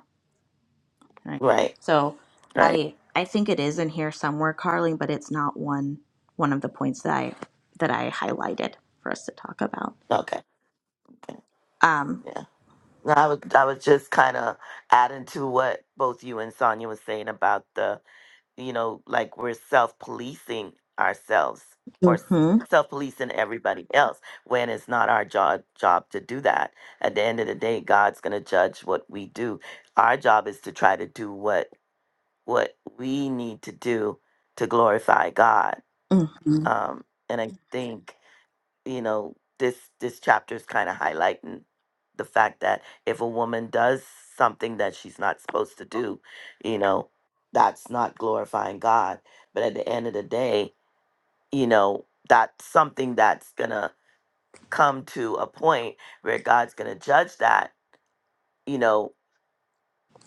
S4: Right.
S1: Right.
S4: So
S1: Right.
S4: I I think it is in here somewhere, Carly, but it's not one one of the points that I that I highlighted for us to talk about.
S1: Okay. okay.
S4: Um
S1: Yeah. No, I was I was just kind of adding to what both you and Sonia was saying about the you know, like we're self policing ourselves or
S4: mhm,
S1: self policing everybody else when it's not our job job to do that. At the end of the day, God's going to judge what we do. Our job is to try to do what what we need to do to glorify God.
S4: mhm,
S1: Um, and I Mhm. think you know this this chapter is kind of highlighting the fact that if a woman does something that she's not supposed to do you know that's not glorifying god but at the end of the day you know that's something that's gonna come to a point where god's gonna judge that you know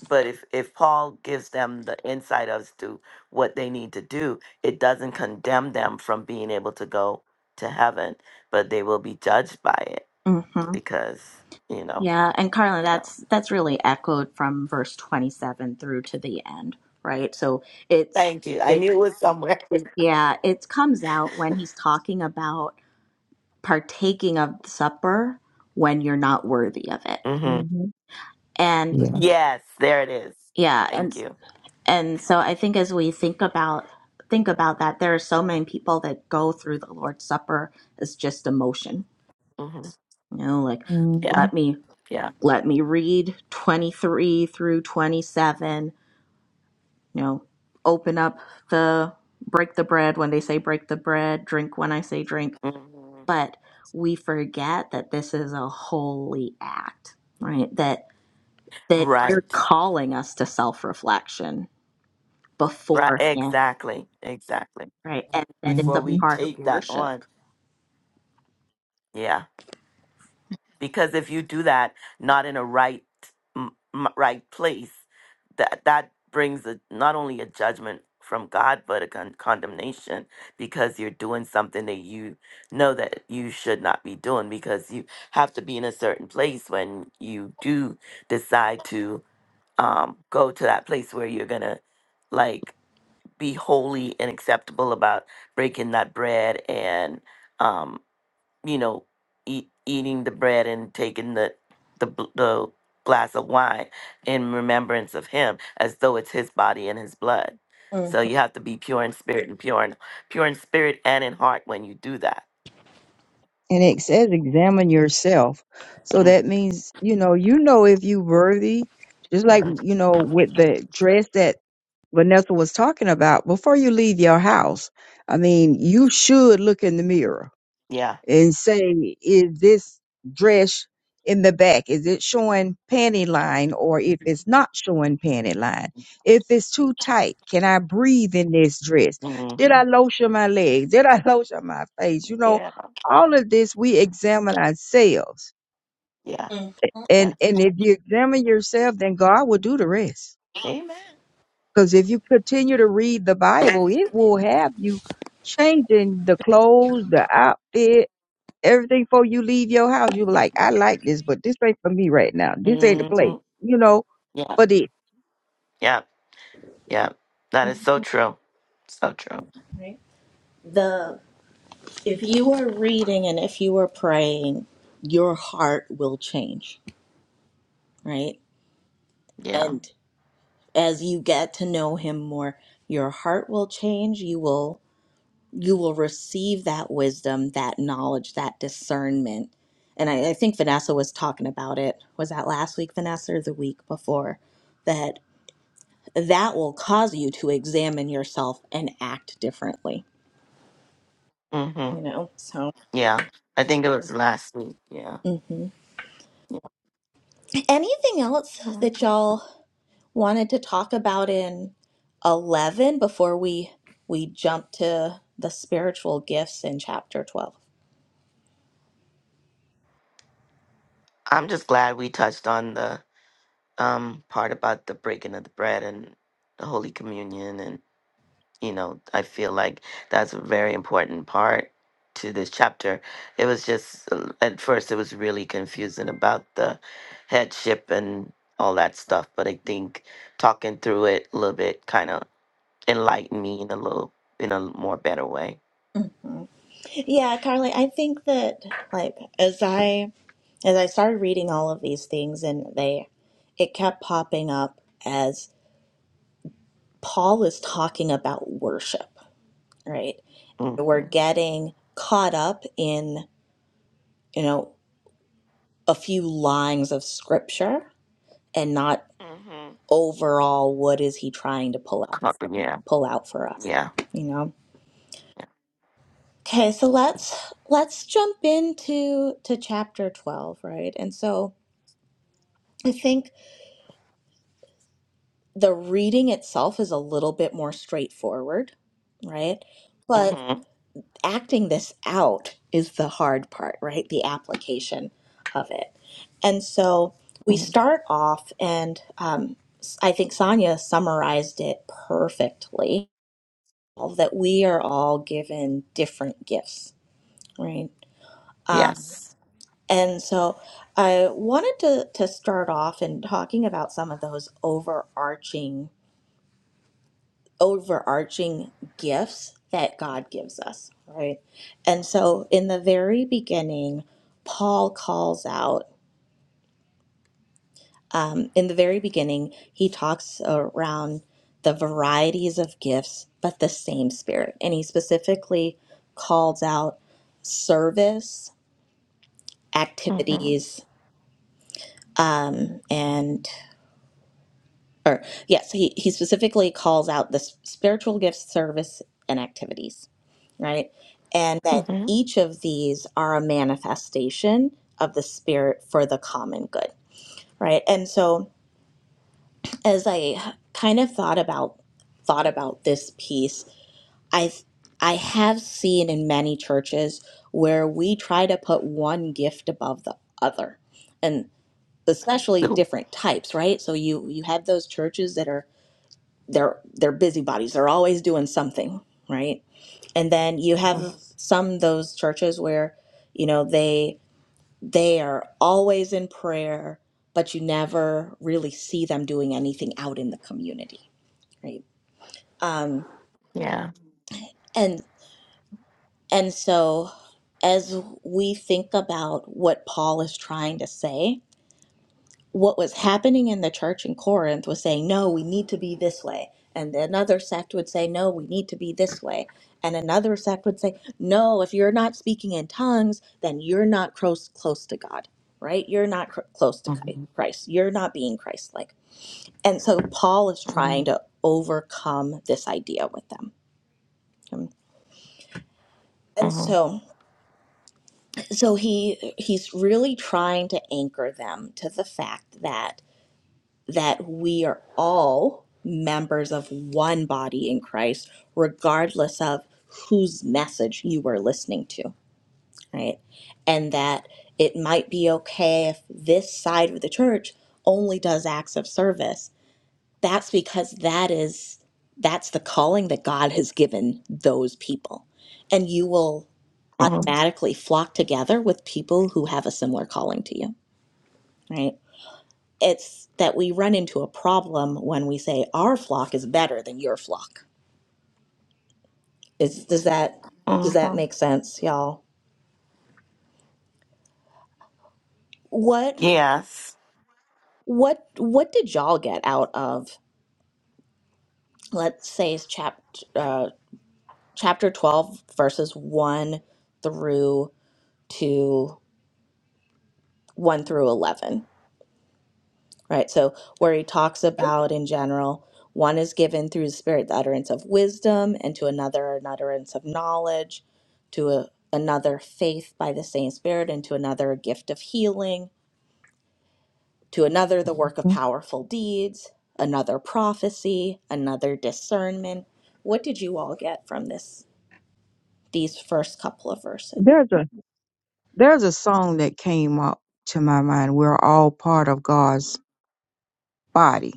S1: but if if paul gives them the insight as to what they need to do it doesn't condemn them from being able to go to heaven but they will be judged by it
S4: mhm.
S1: because you know.
S4: Yeah, and Carly,
S1: So
S4: that's that's really echoed from verse 27 through to the end, right? So it's
S1: thank you. I
S4: it
S1: knew it was somewhere.
S4: yeah, it comes out when he's talking about partaking of the supper when you're not worthy of it.
S1: hmm
S2: hmm
S4: And
S2: Yeah.
S1: Yes, there it is.
S4: yeah, and
S1: Thank you.
S4: and so i think as we think about think about that there are so many people that go through the lord's supper as just emotion
S1: hmm
S4: you know like
S1: Yeah,
S2: Mm-hmm.
S4: let me
S1: yeah.
S4: let me read 23 through 27 you know open up the break the bread when they say break the bread drink when i say drink
S1: hmm
S4: but we forget that this is a holy act right that that you're
S1: Right,
S4: calling us to self-reflection
S1: right.
S4: beforehand
S1: Exactly, exactly.
S4: right? And that it's
S1: Before
S4: a
S1: we
S4: part of
S1: take that on,
S4: worship.
S1: yeah. because if you do that not in a right m- m- right place that that brings a, not only a judgment from God but a con- condemnation because you're doing something that you know that you should not be doing because you have to be in a certain place when you do decide to um, go to that place where you're gonna like be holy and acceptable about breaking that bread and um, you know, eat, eating the bread and taking the the bl- the glass of wine in remembrance of him, as though it's his body and his blood.
S4: Mm,
S1: So you have to be pure in spirit and pure in pure in spirit and in heart when you do that.
S2: and it says examine yourself so
S1: Mm,
S2: that means you know you know if you worthy just like
S1: mhm.
S2: you know with the dress that vanessa was talking about before you leave your house i mean you should look in the mirror
S1: Yeah.
S2: and say, is this dress in the back? Is it showing panty line or if it's not showing panty line? If it's too tight, can I breathe in this dress?
S1: hmm
S2: Did I lotion my legs? Did I lotion my face? You know,
S1: Yeah.
S2: all of this we examine ourselves.
S1: Yeah.
S4: mm,
S2: And
S1: Yeah.
S2: and if you examine yourself, then God will do the rest.
S1: Amen.
S2: Because if you continue to read the Bible, it will have you changing the clothes, the outfit, everything before you leave your house. You be like, I like this, but this ain't for me right now. This ain't the
S1: hmm
S2: place, you know.
S1: Yeah.
S2: But it
S1: Yeah. Yeah. That is so true. So true.
S4: Right. The if you are reading and if you are praying, your heart will change, right?
S1: Yeah.
S4: And as you get to know him more, your heart will change. You will you will receive that wisdom, that knowledge, that discernment. And I, I think Vanessa was talking about it. Was that last week, Vanessa, or the week before? That that will cause you to examine yourself and act differently
S1: hmm
S4: you know. So,
S1: Yeah. I think it was last week. Yeah.
S4: hmm
S1: Yeah.
S4: anything else
S1: Mm-hmm.
S4: that y'all wanted to talk about in eleven before we we jump to the spiritual gifts in chapter twelve?
S1: I'm just glad we touched on the um part about the breaking of the bread and the Holy Communion and you know, I feel like that's a very important part to this chapter. It was just uh, at first it was really confusing about the headship and all that stuff, but I think talking through it a little bit kind of enlightened me in a little in a more better way.
S4: Yeah, Carly, I think that like as I as I started reading all of these things and they it kept popping up as Paul is talking about worship, right?
S1: Mhm.
S4: We're getting caught up in, you know, a few lines of scripture and not
S1: Mhm.
S4: overall what is he trying to pull out
S1: Uh, Yeah.
S4: pull out for us
S1: Yeah.
S4: you know okay so let's let's jump into to chapter 12 right and so i think the reading itself is a little bit more straightforward right but
S1: Mhm.
S4: acting this out is the hard part right the application of it and so we
S1: Mhm.
S4: start off and um, i think sonia summarized it perfectly that we are all given different gifts, right?
S1: Yes.
S4: And so I wanted to, to start off in talking about some of those overarching overarching gifts that God gives us, right? And so in the very beginning, Paul calls out um, in the very beginning, he talks around the varieties of gifts, but the same spirit. And he specifically calls out service
S1: Mhm.
S4: activities um, and or yes he, he specifically calls out the s- spiritual gifts service and activities right and that
S1: Mhm.
S4: each of these are a manifestation of the spirit for the common good right and so as i kind of thought about thought about this piece i i have seen in many churches where we try to put one gift above the other especially different types, right? So you you have those churches that are they're they're busybodies. They're always doing something, right? And then you
S1: Mm,
S4: have some those churches where, you know, they they are always in prayer, but you never really see them doing anything out in the community, right?
S1: Yeah.
S4: And and so as we think about what Paul is trying to say, what was happening in the church in Corinth was saying, no, we need to be this way. And another sect would say, no, we need to be this way. And another sect would say, no, if you're not speaking in tongues, then you're not close, close to God, right? You're not cr- close to Chi-
S1: Mhm,
S4: Christ. You're not being Christ like. And so Paul is
S1: mhm,
S4: trying to overcome this idea with them. Um, And
S1: mhm,
S4: so so he he's really trying to anchor them to the fact that that we are all members of one body in Christ, regardless of whose message you were listening to, right? And that it might be okay if this side of the church only does acts of service. That's because that is that's the calling that God has given those people. And you will
S1: mhm,
S4: automatically flock together with people who have a similar calling to you, right? it's that we run into a problem when we say our flock is better than your flock. Is does that does that
S1: mhm.
S4: make sense, y'all? What
S1: Yes.
S4: what what did y'all get out of let's say chapter uh, chapter twelve verses one through to one through eleven? right? So, where he talks about in general, one is given through the Spirit the utterance of wisdom, and to another, an utterance of knowledge, to a, another, faith by the same Spirit, and to another, a gift of healing, to another, the work of powerful deeds, another, prophecy, another, discernment. What did you all get from this? These first couple of verses.
S2: There's a there's a song that came up to my mind. We're all part of God's body,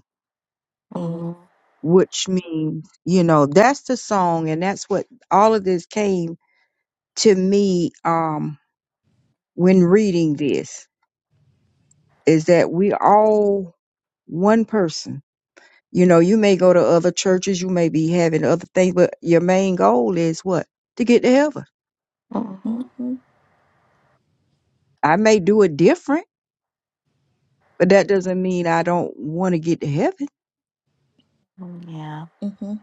S1: Mhm,
S2: which means, you know, that's the song and that's what all of this came to me um when reading this is that we all one person You know, you may go to other churches, you may be having other things, but your main goal is what? To get to heaven.
S1: mhm,
S4: Mm-hmm,
S2: I may do it different, but that doesn't mean I don't want to get to heaven.
S1: mhm, Yeah.
S4: hmm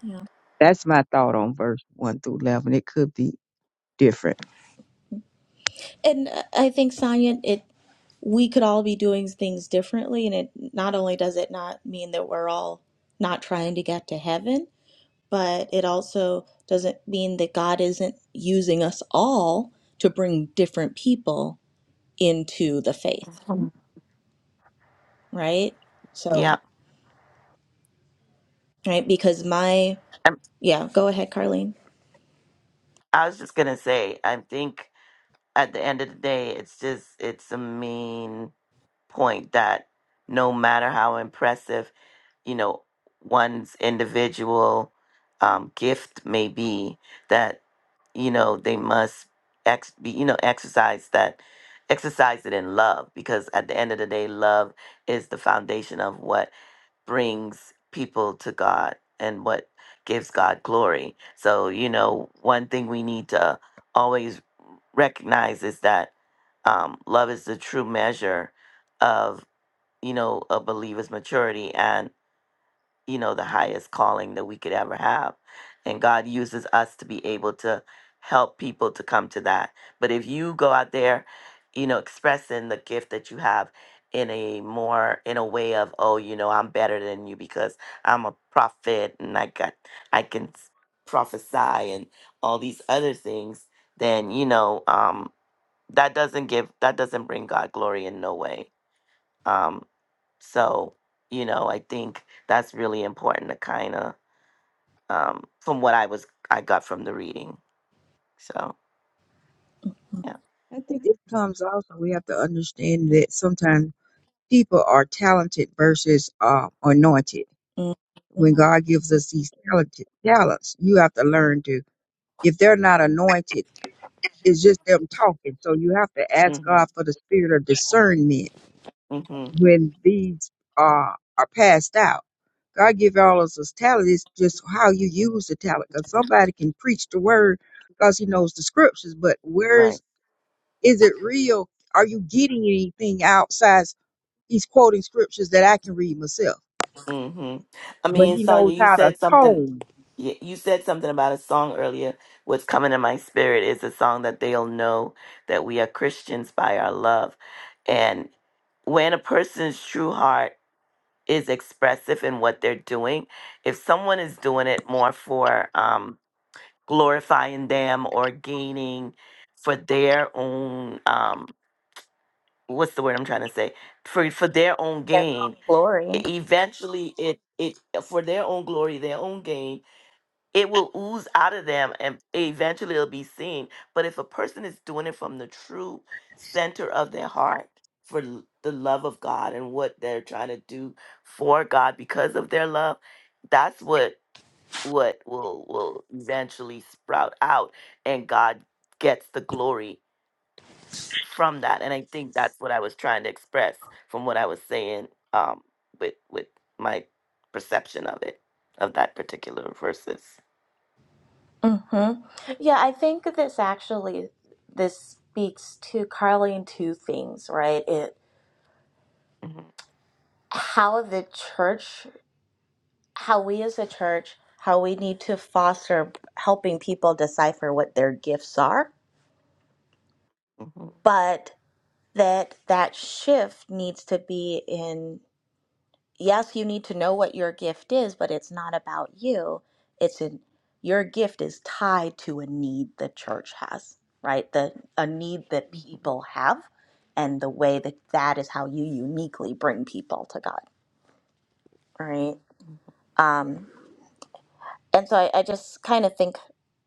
S4: yeah,
S2: That's my thought on verse 1 through 11. It could be different.
S4: and uh, I think Sonia, it we could all be doing things differently and it not only does it not mean that we're all not trying to get to heaven but it also doesn't mean that god isn't using us all to bring different people into the faith
S1: Mhm.
S4: right so
S1: Yeah.
S4: right because my
S1: I'm,
S4: yeah go ahead carlene
S1: I was just gonna say, I think at the end of the day, it's just it's a mean point that no matter how impressive you know one's individual um, gift may be that you know they must ex- be you know exercise that exercise it in love because at the end of the day love is the foundation of what brings people to god and what gives god glory so you know one thing we need to always recognize is that um, love is the true measure of you know a believer's maturity and you know, the highest calling that we could ever have. And God uses us to be able to help people to come to that. But if you go out there, you know, expressing the gift that you have in a more in a way of, oh, you know, I'm better than you because I'm a prophet and I got I can s- prophesy and all these other things, then you know, um that doesn't give that doesn't bring God glory in no way um, so, you know, I think that's really important to kind of, um, from what I was, I got from the reading. So, yeah.
S2: I think it comes also, we have to understand that sometimes people are talented versus uh, anointed.
S4: Mm,
S2: When God gives us these talented talents, you have to learn to if they're not anointed, it's just them talking. So you have to ask
S1: Mm-hmm.
S2: God for the spirit of discernment
S1: Mm-hmm.
S2: when these are are passed out. God give all of us talent. It's just how you use the talent. Because somebody can preach the word because he knows the scriptures, but
S1: Right.
S2: where's is it real? Are you getting anything outside? He's quoting scriptures that I can read myself,
S1: Mm-hmm. I
S2: but
S1: mean,
S2: he knows
S1: Sonia, you
S2: how to
S1: said something
S2: tone.
S1: You you said something about a song earlier. What's coming to my spirit is a song that they'll know that we are Christians by our love. And when a person's true heart is expressive in what they're doing, if someone is doing it more for um, glorifying them or gaining for their own, um, what's the word I'm trying to say? For, for their own
S4: their own
S1: gain,
S4: glory
S1: e- eventually it, it, for their own glory, their own gain, it will ooze out of them and eventually it'll be seen. But if a person is doing it from the true center of their heart for l- the love of God and what they're trying to do for God because of their love, that's what what will will eventually sprout out and God gets the glory from that. And I think that's what I was trying to express from what I was saying um with with my perception of it of that particular verses.
S4: hmm Yeah, I think this actually this speaks to Carly in two things, right? It
S1: Mm-hmm.
S4: how the church, how we as a church, how we need to foster helping people decipher what their gifts are,
S1: Mm-hmm.
S4: but that that shift needs to be in. yes, you need to know what your gift is, but it's not about you. It's in your gift is tied to a need the church has, right? The a need that
S1: hmm
S4: people have, and the way that that is how you uniquely bring people to God, right? Um, and so I, I just kind of think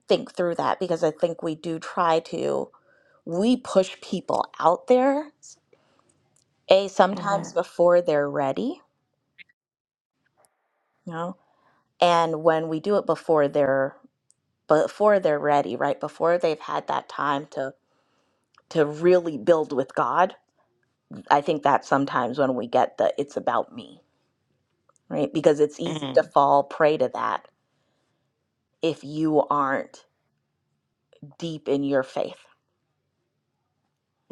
S4: think through that because I think we do try to we push people out there a sometimes Yeah. before they're ready, you know, and when we do it before they're before they're ready, right? Before they've had that time to to really build with God. I think that's sometimes when we get the it's about me, right? Because it's easy to
S1: Mm,
S4: fall prey to that if you aren't deep in your faith.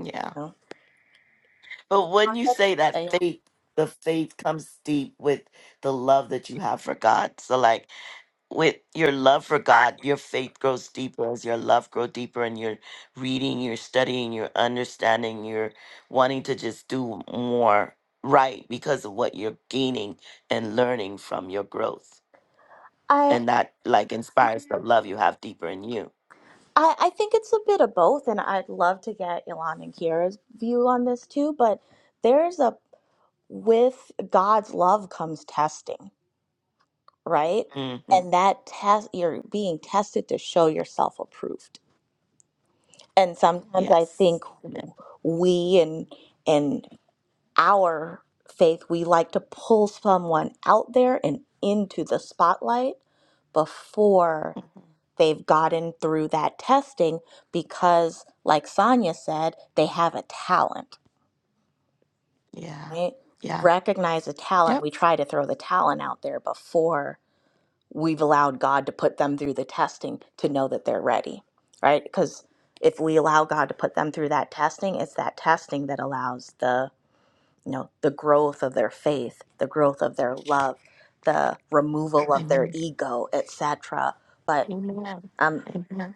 S1: yeah.
S4: you know?
S1: But when you say that
S4: Uh, yeah.
S1: faith, the faith comes deep with the love that you have for God. So like with your love for God, your faith grows deeper as your love grow deeper and you're reading, you're studying, you're understanding, you're wanting to just do more right because of what you're gaining and learning from your growth.
S4: I,
S1: And that like inspires the love you have deeper in you.
S4: I I think it's a bit of both, and I'd love to get Ilan and Kiara's view on this too. But there's a with God's love comes testing, right?
S1: hmm
S4: And that test you're being tested to show yourself approved and sometimes I
S1: Yes.
S4: think we and and our faith we like to pull someone out there and into the spotlight before
S1: Amen.
S4: they've gotten through that testing because like Sonia said they have a talent
S1: Yeah.
S4: right we
S1: Yeah.
S4: recognize a talent
S1: Yep.
S4: we try to throw the talent out there before we've allowed God to put them through the testing to know that they're ready, right? Because if we allow God to put them through that testing, it's that testing that allows the you know the growth of their faith, the growth of their love, the removal of their
S1: Amen.
S4: ego, etc. But
S1: Amen.
S4: I'm
S1: Amen.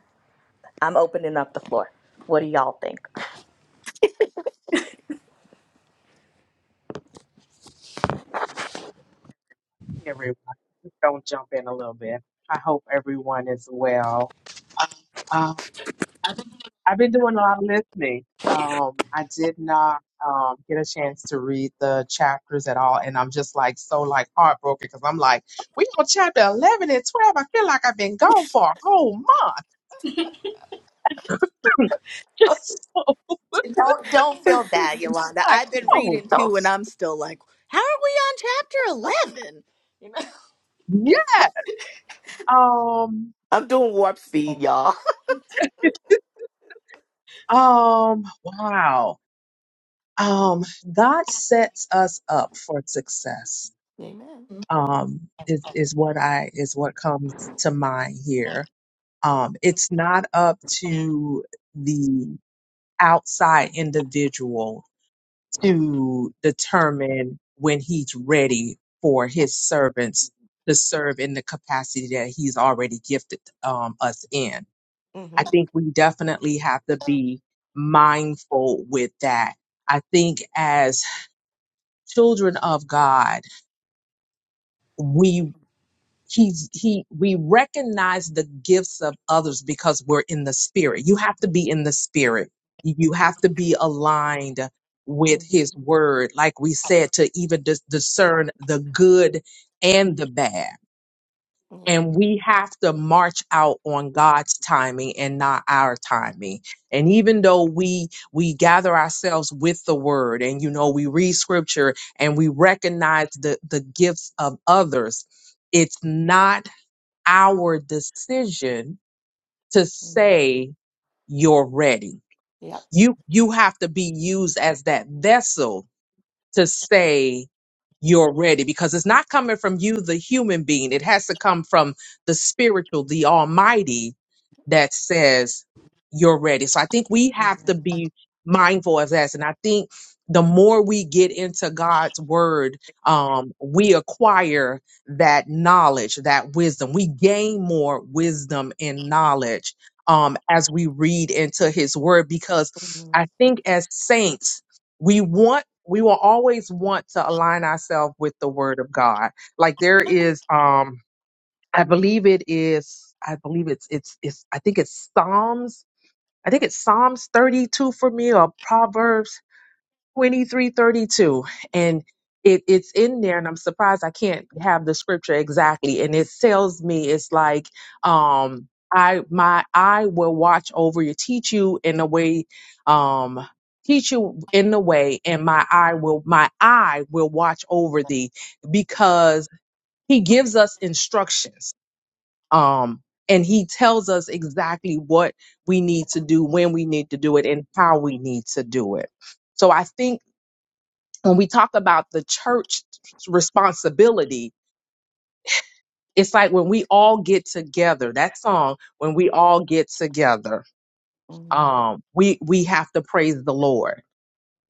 S4: I'm opening up the floor. What do y'all think?
S5: everyone. Just Don't jump in a little bit. I hope everyone is well. Uh, I've been doing a lot of listening. Um, I did not um, get a chance to read the chapters at all, and I'm just like so like heartbroken because I'm like, we on chapter eleven and twelve. I feel like I've been gone for a whole month. Just so
S4: Don't don't feel bad, Yolanda.
S5: like,
S4: I've been
S5: oh
S4: reading too, and I'm still like, how are we on chapter
S5: yeah. Um,
S1: I'm doing warp speed, y'all.
S5: um, wow. Um, God sets us up for success
S1: Amen.
S5: um, is, is what I is what comes to mind here. Um, it's not up to the outside individual to determine when he's ready for his servants to serve in the capacity that he's already gifted um, us in. I
S1: Mm-hmm.
S5: think we definitely have to be mindful with that. I think as children of God, he's he we recognize the gifts of others because we're in the spirit you have to be in the spirit you have to be aligned with
S1: Mm-hmm.
S5: his word like we said to even dis- discern the good and the bad
S1: Yeah.
S5: and we have to march out on God's timing and not our timing. And even though we we gather ourselves with the word and you know we read scripture and we recognize the the gifts of others, it's not our decision to
S1: hmm
S5: say you're ready.
S1: Yep.
S5: You you have to be used as that vessel to say you're ready because it's not coming from you, the human being. It has to come from the spiritual, the almighty that says you're ready. So I think we have to
S1: Mm-hmm.
S5: be mindful of that. And I think the more we get into God's word, um, we acquire that knowledge, that wisdom. We gain more wisdom and knowledge um, as we read into his word because
S1: Mm-hmm.
S5: I think as saints, we want we will always want to align ourselves with the word of god like there is um i believe it is i believe it's it's it's i think it's psalms i think it's psalms 32 for me or proverbs 2332 and it, it's in there and i'm surprised i can't have the scripture exactly and it tells me it's like um i my i will watch over you teach you in the way um teach you in the way and my eye will my eye will watch over thee because he gives us instructions um and he tells us exactly what we need to do when we need to do it and how we need to do it so i think when we talk about the church responsibility, it's like when we all get together, that song, when we all get together,
S1: Mm-hmm.
S5: um, we we have to praise the Lord.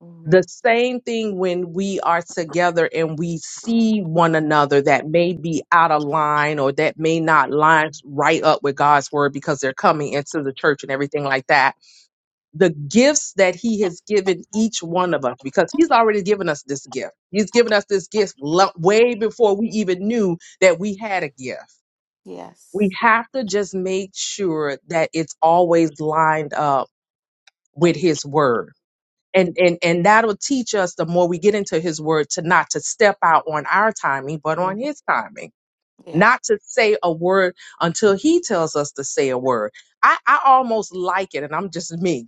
S1: Mm-hmm.
S5: The same thing when we are together and we see one another that may be out of line or that may not line right up with God's word because they're coming into the church and everything like that the gifts that he has given each one of us because he's already given us this gift. He's given us this gift lo- way before we even knew that we had a gift. We
S1: Yes.
S5: have to just make sure that it's always lined up with his word. And, and and that'll teach us the more we get into his word to not to step out on our timing but on
S1: Mm-hmm.
S5: his timing
S1: Yeah.
S5: not to say a word until he tells us to say a word i, I almost like it and i'm just me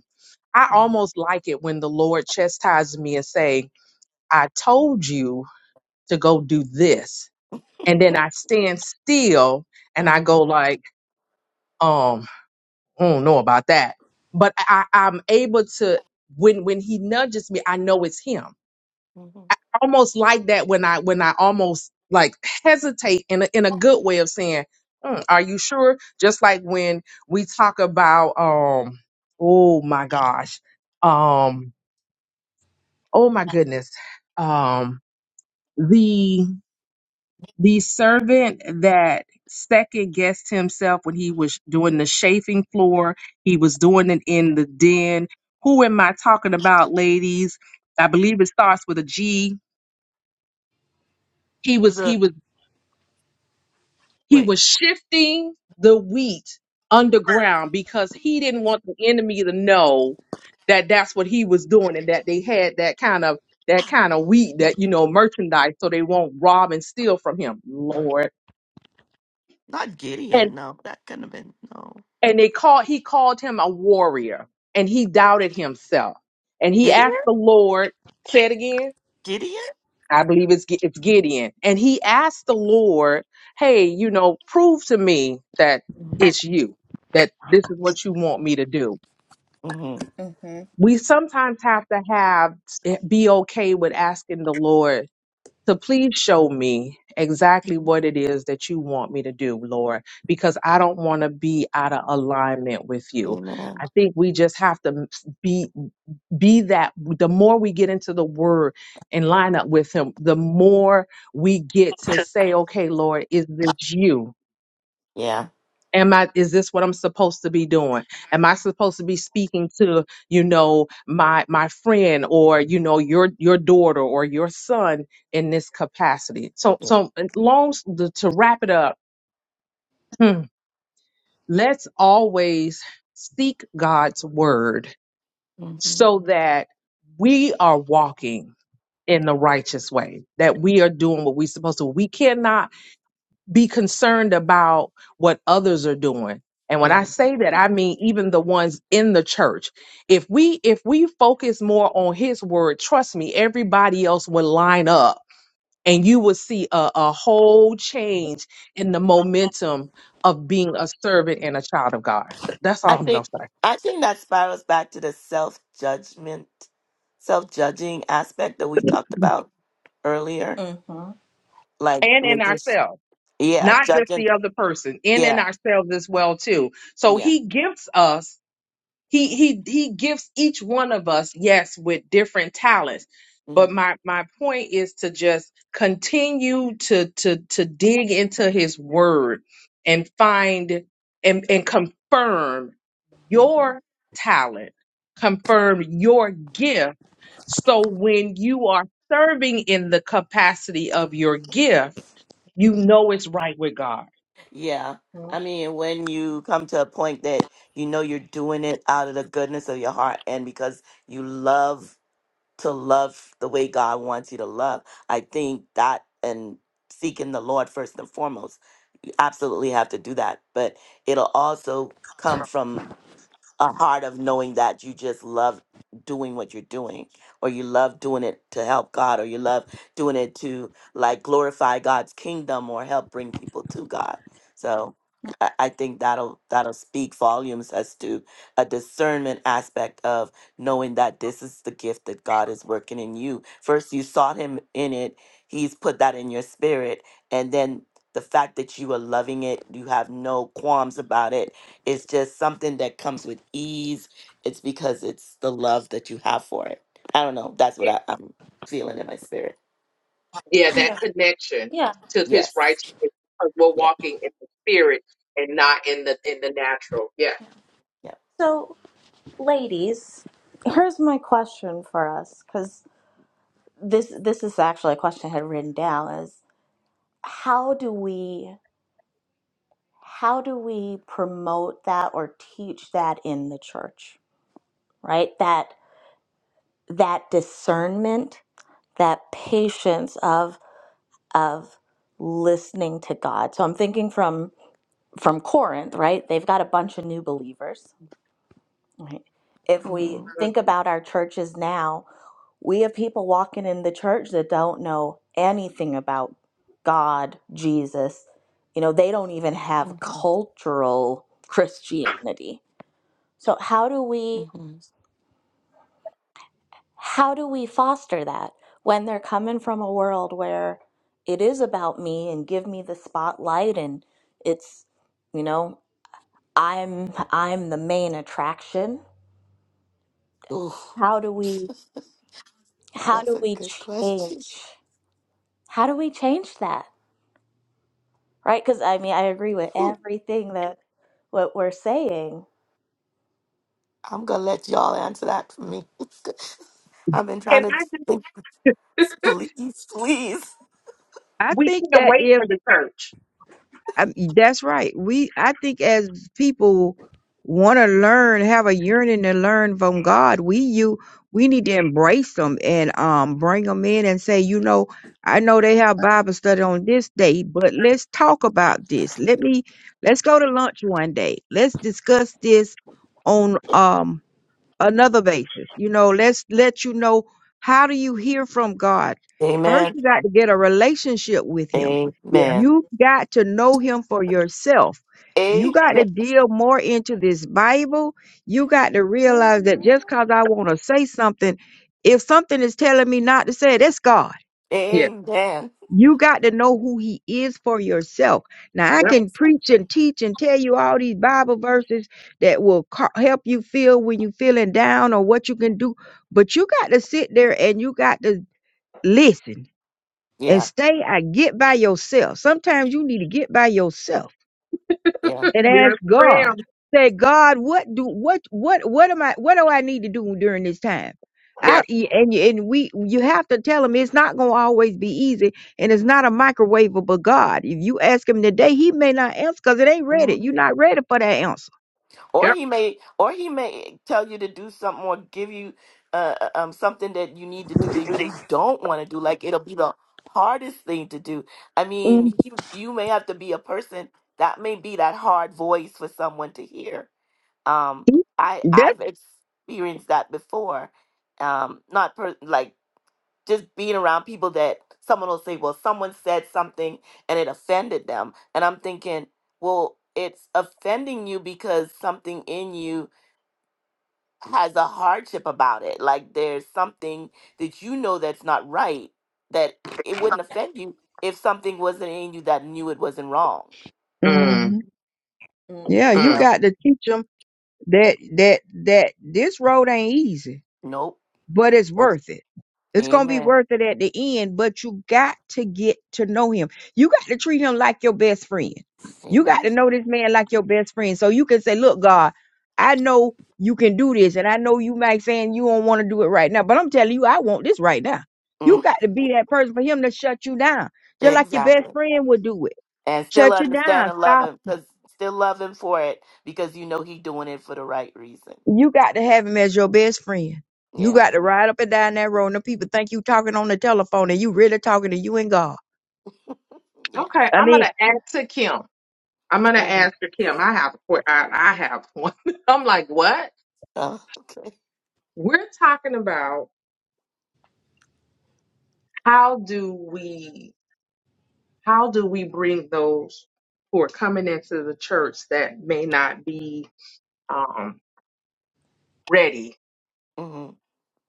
S5: I
S1: Mm-hmm.
S5: almost like it when the Lord chastises me and say, I told you to go do this. And then I stand still and I go
S1: Mm-hmm.
S5: like, um, I don't know about that. But I, I- am able to when when he nudges me, I know it's him.
S1: hmm
S5: I almost like that when I when I almost like hesitate in a in a good way of saying, "Mm, are you sure? Just like when we talk about um, oh my gosh. Um oh my goodness um the the servant that second guessed himself when he was doing the chafing floor he was doing it in the den who am i talking about ladies i believe it starts with a g he was
S1: The
S5: he was He
S1: wait,
S5: was shifting the wheat underground because he didn't want the enemy to know that that's what he was doing and that they had that kind of that kind of wheat that you know merchandise so they won't rob and steal from him lord
S1: not Gideon.
S5: and
S1: No, that couldn't have been no
S5: and they called he called him a warrior and he doubted himself and he
S1: Gideon.
S5: asked the lord say it again
S1: Gideon.
S5: I believe it's Gi- it's Gideon, and he asked the Lord, "Hey, you know, prove to me that
S1: Mm-hmm.
S5: it's you, that this is what you want me to do."
S1: Mm-hmm.
S4: eleven?
S5: We sometimes have to have eh, be okay with asking the Lord so please show me exactly what
S1: Mm-hmm.
S5: it is that you want me to do, Lord, because I don't want to be out of alignment with you.
S1: Amen.
S5: I think we just have to m- s- be be that the more we get into the word and line up with him, the more we get to say, okay, Lord, is this you?
S1: Yeah.
S5: am i is this what i'm supposed to be doing am i supposed to be speaking to you know my my friend or you know your your daughter or your son in this capacity so
S1: Yeah.
S5: so uh, long s- the- to wrap it up hmm, let's always seek god's word
S1: Mm-hmm.
S5: so that we are walking in the righteous way that we are doing what we're supposed to we cannot be concerned about what others are doing. And when I
S1: Yeah.
S5: say that, I mean even the ones in the church. If we if we focus more on his word, trust me, everybody else will line up and you will see a, a whole change in the momentum of being a servant and a child of God. Th- That's
S1: I
S5: all I'm
S1: think
S5: gonna say.
S1: I think that spirals back to the self judgment, self judging aspect that we talked about earlier.
S4: Mm-hmm.
S1: Like
S5: And in
S1: making, s-
S5: ourselves,
S1: yeah,
S5: not just
S1: judging,
S5: the other person, and in
S1: yeah,
S5: ourselves as well, too. So
S1: yeah,
S5: he gives us he he he gives each one of us yes with different talents but
S1: hmm
S5: my my point is to just continue to to to dig into his word and find and and confirm
S1: hmm
S5: your talent confirm your gift so when you are serving in the capacity of your gift you know it's right with god
S1: yeah. I
S4: Mm-hmm.
S1: mean, when you come to a point that you know you're doing it out of the goodness of your heart and because you love to love the way God wants you to love. I think that and seeking the Lord first and foremost, you absolutely have to do that. But it'll also come from a heart of knowing that you just love doing what you're doing or you love doing it to help God or you love doing it to like glorify God's kingdom or help bring people to God. So I I think that'll that'll speak volumes as to a discernment aspect of knowing that this is the gift that God is working in you. First you sought him in it, he's put that in your spirit and then the fact that you are loving it, you have no qualms about it, it's just something that comes with ease. It's because it's the love that you have for it. I don't know. That's what I, I'm feeling in my spirit.
S5: Yeah, that
S4: Yeah.
S5: connection
S4: Yeah.
S5: to his
S1: Yes.
S5: righteousness because we're
S1: Yeah.
S5: walking in the spirit and not in the in the natural. Yeah.
S1: Yeah.
S4: So. ladies here's my question for us because this this is actually a question i had written down is how do we how do we promote that or teach that in the church right that that discernment that patience of of listening to god so i'm thinking from from corinth right they've got a bunch of new believers right if we
S1: Mm-hmm.
S4: think
S5: Mhm.
S4: about our churches now We have people walking in the church that don't know anything about God, Jesus. You know, they don't even have
S1: Mm-hmm.
S4: cultural Christianity. So how do we
S1: Mm-hmm.
S4: how do we foster that when they're coming from a world where it is about me and give me the spotlight and it's you know, I'm I'm the main attraction.
S1: Ooh,
S4: How do we how
S1: that's
S4: do
S1: a
S4: we
S1: good
S4: change
S1: question.
S4: how do we change that? right? Because I mean, I agree with
S1: Ooh,
S4: everything that what we're saying.
S1: I'm gonna let y'all answer that for me. I've been trying
S5: Can
S1: to
S5: I
S1: think.
S5: just
S1: Please, please.
S2: I
S5: we
S2: think
S5: can't
S2: that
S5: wait
S2: if
S5: for the church.
S2: I, that's right. We, I think, as people want to learn, have a yearning to learn from God, we you we need to embrace them and um bring them in and say, you know, I know they have Bible study on this day, but let's talk about this. Let me let's go to lunch one day. Let's discuss this on um another basis. You know, let's let you know how do you hear from God? First,
S1: Amen.
S2: you got to get a relationship with Him.
S5: Yeah.
S1: Amen.
S2: You got to know Him for yourself. You got to
S1: Amen.
S2: deal more into this Bible. You got to realize that just because I want to say something, if something is telling me not to say it, it's God.
S5: Yeah.
S1: Amen.
S2: You got to know who he is for yourself. Now, I
S5: Yep.
S2: can
S1: Yes.
S2: preach and teach and tell you all these Bible verses that will ca- help you feel when you're feeling down or what you can do, but you got to sit there and you got to listen and
S1: Yeah.
S2: stay. I get by yourself. Sometimes you need to get by yourself
S1: Yeah.
S2: and ask
S5: Yes,
S2: God.
S5: ma'am.
S2: Say, God, what do what what what am I what do I need to do during this time?
S5: Yeah.
S2: I and you- and we you have to tell him it's not going to always be easy, and it's not a microwavable God. If you ask him today, he may not answer because it ain't ready. You're
S1: Mhm.
S2: not ready for that answer.
S1: or
S5: Yep.
S1: he may or he may tell you to do something or give you uh, uh, um something that you need to do that you don't want to do like it'll be the hardest thing to do i
S2: hmm
S1: mean you you may have to be a person that may be that hard voice for someone to hear um i
S2: That,
S1: i've experienced that before um not per, like just being around people that someone will say, well, someone said something and it offended them. And I'm thinking, well, it's offending you because something in you has a hardship about it. Like there's something that you know that's not right, that i- it wouldn't offend you if something wasn't in you that knew it wasn't wrong.
S2: hmm
S5: Mm,
S2: yeah,
S1: You
S2: you
S5: mm.
S1: know?
S2: got to teach him that that that this road ain't easy
S1: Nope.
S2: but it's
S1: Nope.
S2: worth it. It's gonna be
S1: Amen.
S2: worth it at the end, but you got to get to know him. You got to treat him like your best friend. You got
S1: Amen.
S2: to know this man like your best friend. So you can say, Look, God, I know you can do this, and I know you might saying you don't want to do it right now, but I'm telling you, I want this right now. You
S1: Mm,
S2: got to be that person for him to shut you down. Just like your best
S1: exactly.
S2: friend would do it.
S1: and still
S2: Shut you
S1: understand
S2: down.
S1: and love
S2: Stop
S1: him because still love him for it because you know he doing it for the right reason
S2: You got to have him as your best friend. You
S1: yeah
S2: got to ride up and down that road, and the people think you talking on the telephone, and you really talking to you and God.
S1: yeah
S5: Okay.
S2: I
S5: I'm
S2: mean,
S5: gonna ask to Kim. I'm gonna
S1: hmm
S5: ask to Kim. I have a que- I, I have one. I'm like, what?
S1: oh, okay
S5: We're talking about how do we how do we bring those who are coming into the church that may not be um, ready
S1: hmm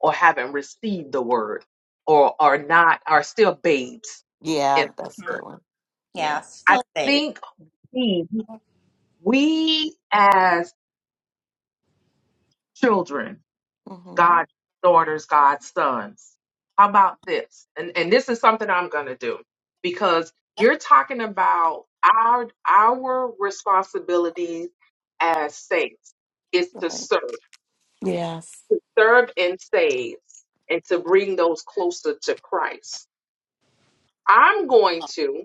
S5: or haven't received the word or are not are still babes in
S1: yeah that's a
S5: the
S4: Mm-hmm.
S5: word?
S1: good one yeah
S4: Yeah,
S5: I
S4: still safe.
S5: think we we as children
S1: hmm
S5: God's daughters, God's sons. How about this? And and this is something I'm gonna do because you're talking about our our responsibilities as saints is to
S1: right.
S5: serve,
S1: yes
S5: to serve and save, and to bring those closer to Christ. I'm going to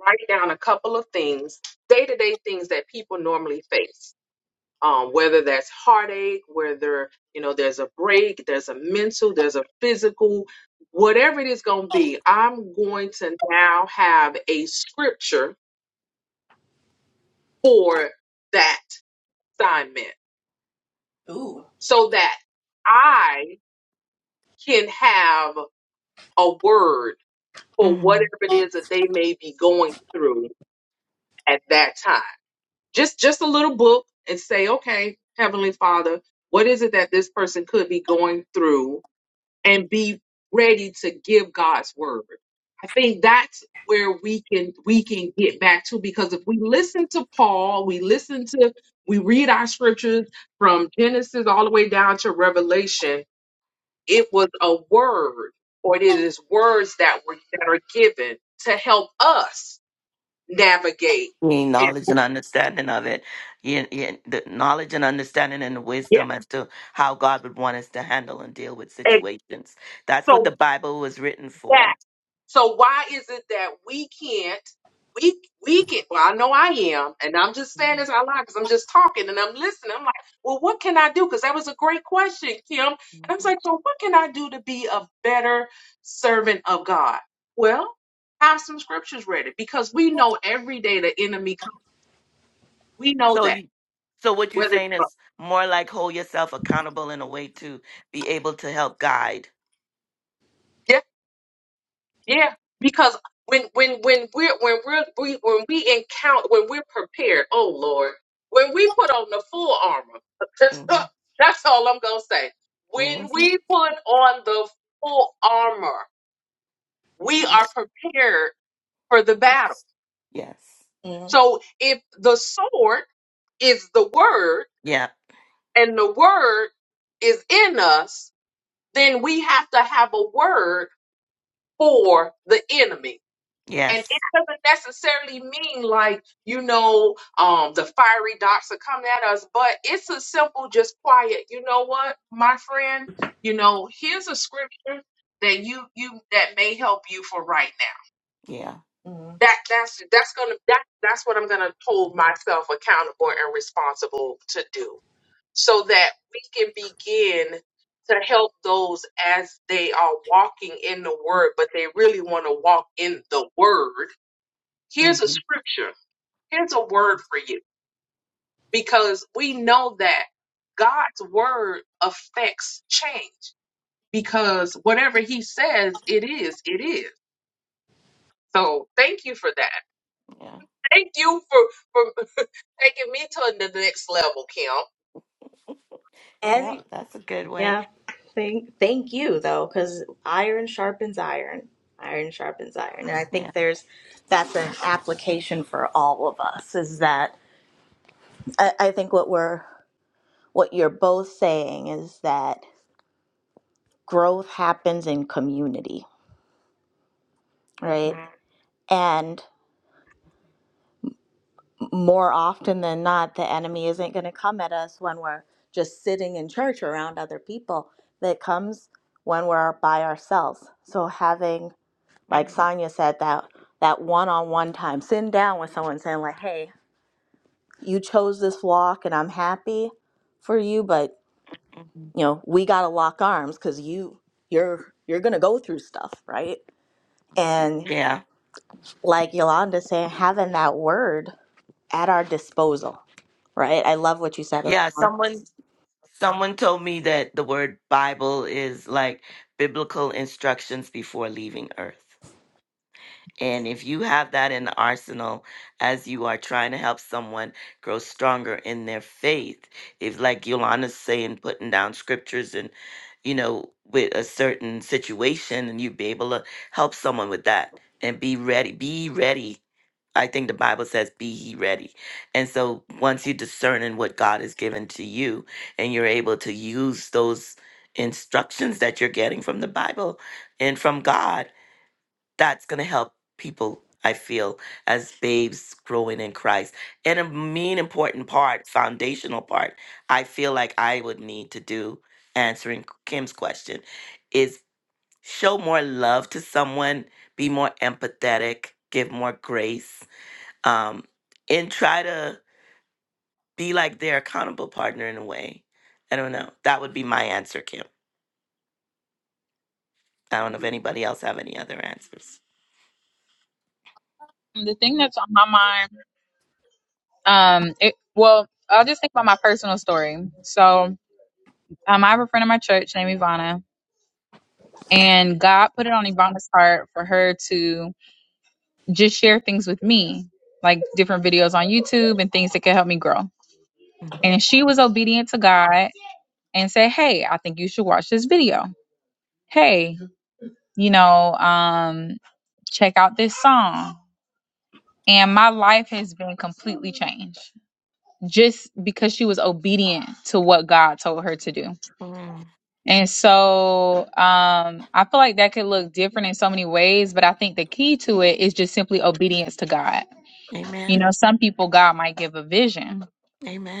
S5: write down a couple of things, day to day things that people normally face um, whether that's heartache, whether you know there's a break, there's a mental, there's a physical, whatever it is going to be, I'm going to now have a scripture for that assignment so that I can have a word for
S1: hmm
S5: whatever it is that they may be going through at that time. Just just a little book and say, okay, Heavenly Father, what is it that this person could be going through and be ready to give God's word. I think that's where we can we can get back to because if we listen to Paul, we listen to we read our scriptures from Genesis all the way down to Revelation, it was a word or it is words that were that are given to help us navigate
S1: Need
S5: and
S1: knowledge and understanding of it yeah, yeah, the knowledge and understanding and the
S5: yeah.
S1: wisdom as to how god would want us to handle and deal with
S5: And
S1: situations that's what the
S5: so
S1: bible was written
S5: yes.
S1: for
S5: So why is it that we can't, we we can? Well, I know I am, and I'm just saying this out loud because I'm just talking and I'm listening. I'm like, well, what can I do? Because that was a great question, Kim. And I was like, so what can I do to be a better servant of God? Well, have some scriptures ready because we know every day the enemy comes. We know
S1: So
S5: that
S1: you, so what you're
S5: whether.
S1: saying is more like hold yourself accountable in a way to be able to help guide.
S5: it's Yeah, because when when when we're when we're we, when we encounter when we're prepared, oh Lord, when we put on the full armor, that's
S1: Mm-hmm.
S5: that's all I'm gonna say. When
S1: Mm-hmm.
S5: we put on the full armor, we are
S1: Yes.
S5: prepared for the battle.
S1: Yes. Yes.
S5: So if the sword is the word
S1: Yeah.
S5: and the word is in us, then we have to have a word for the enemy And it
S1: Yes.
S5: doesn't necessarily mean like, you know, um, the fiery dots are coming at us, but it's a simple, just quiet. You know what, my friend? You know, here's a scripture that you you that may help you for right now.
S1: Yeah.
S4: Mm-hmm.
S5: That that's that's gonna that that's what I'm gonna hold myself accountable and responsible to do so that we can begin to help those as they are walking in the word, but they really want to walk in the word here's a
S1: Mm-hmm.
S5: scripture, here's a word for you, because we know that God's word affects change because whatever he says, it is, it is. So thank you for that.
S1: Yeah.
S5: Thank you for, for taking me to the next level, Kim.
S1: Yeah.
S4: Every
S1: That's a good way.
S4: yeah. Thank thank you though, because iron sharpens iron. Iron sharpens iron, and I
S1: Yeah.
S4: think there's that's an application for all of us. Is that I, I think what we're what you're both saying is that growth happens in community, right?
S1: Mm-hmm.
S4: And more often than not, the enemy isn't going to come at us when we're just sitting in church around other people. That comes when we're by ourselves. So having, like
S1: Mm-hmm.
S4: Sonia said, that that one-on-one time, sitting down with someone, saying like, "Hey, you chose this walk, and I'm happy for you, but
S1: hmm
S4: you know, we got to lock arms because you you're you're going to go through stuff, right?" And
S1: Yeah.
S4: like Yolanda saying, having that word at our disposal right? I love what you said.
S1: Yeah. Someone someone told me that the word Bible is like biblical instructions before leaving Earth. And if you have that in the arsenal as you are trying to help someone grow stronger in their faith, if like Yolanda's saying, putting down scriptures and, you know, with a certain situation and you would be able to help someone with that and be ready, be ready. I think the Bible says, be ye ready. And so once you discern in what God has given to you and you're able to use those instructions that you're getting from the Bible and from God that's going to help people i feel as babes growing in christ and a mean important part foundational part i feel like i would need to do answering kim's question is show more love to someone be more empathetic give more grace um, and try to be like their accountable partner in a way i don't know that would be my answer kim i don't know if
S4: Mm.
S1: anybody else have any other answers
S6: The thing that's on my mind, um, it well, I'll just think about my personal story. So, um, I have a friend in my church named Ivana, and God put it on Ivana's heart for her to just share things with me, like different videos on YouTube and things that could help me grow.
S1: Mhm.
S6: And she was obedient to God and said, "Hey, I think you should watch this video. Hey, you know, um, check out this song." And my life has been completely changed. just because she was obedient to what God told her to do.
S1: Mm.
S6: And so um, I feel like that could look different in so many ways, but I think the key to it is just simply obedience to God. You
S1: Amen.
S6: know, some people, God might give a vision,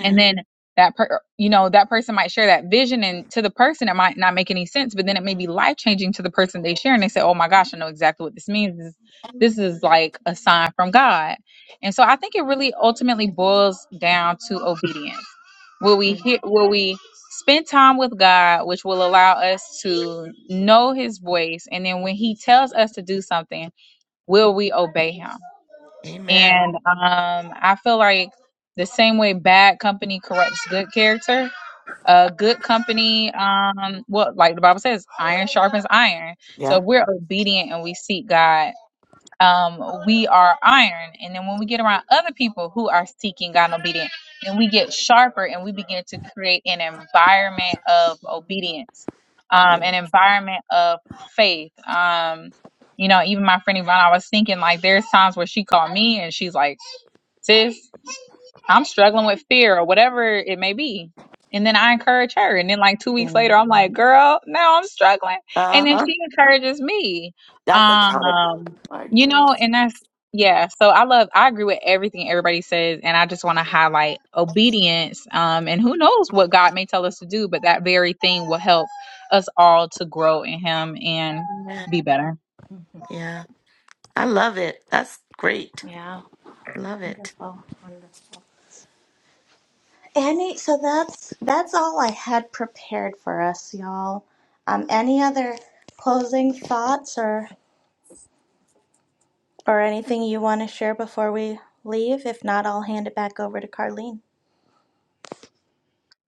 S6: and then that per- you know that person might share that vision and to the person it might not make any sense but then it may be life changing to the person they share and they say oh my gosh i know exactly what this means this, this is like a sign from god and so i think it really ultimately boils down to obedience will we
S1: Mm.
S6: hear will we spend time with god which will allow us to know his voice and then when he tells us to do something will we obey him
S1: Amen.
S6: and um, I feel like the same way bad company corrupts good character, uh, good company, um, what like the Bible says, iron sharpens iron. So
S1: Yeah,
S6: if we're obedient and we seek God, um, we are iron. And then when we get around other people who are seeking God and obedient, then we get sharper and we begin to create an environment of obedience, um,
S1: yeah.
S6: an environment of faith. Um, you know, even my friend Ivana, I was thinking like there's times where she called me and she's like, Sis, I'm struggling with fear or whatever it may be. And then I encourage her. And then like two weeks
S1: Yeah.
S6: later, I'm like, girl, now I'm struggling. And
S1: Uh
S6: then
S1: huh.
S6: she encourages me.
S1: That's accountability
S6: Um, you know,
S1: partners.
S6: and that's yeah. So I love I agree with everything everybody says, and I just want to highlight obedience. Um, and who knows what God may tell us to do, but that very thing will help us all to grow in him. and
S1: Amen.
S6: be better.
S4: Mhm.
S1: Yeah. I love it. That's great.
S4: Yeah,
S1: Love it.
S4: wonderful, wonderful. Any so that's that's all I had prepared for us, y'all. Um, any other closing thoughts or or anything you want to share before we leave? If not, I'll hand it back over to Carlene.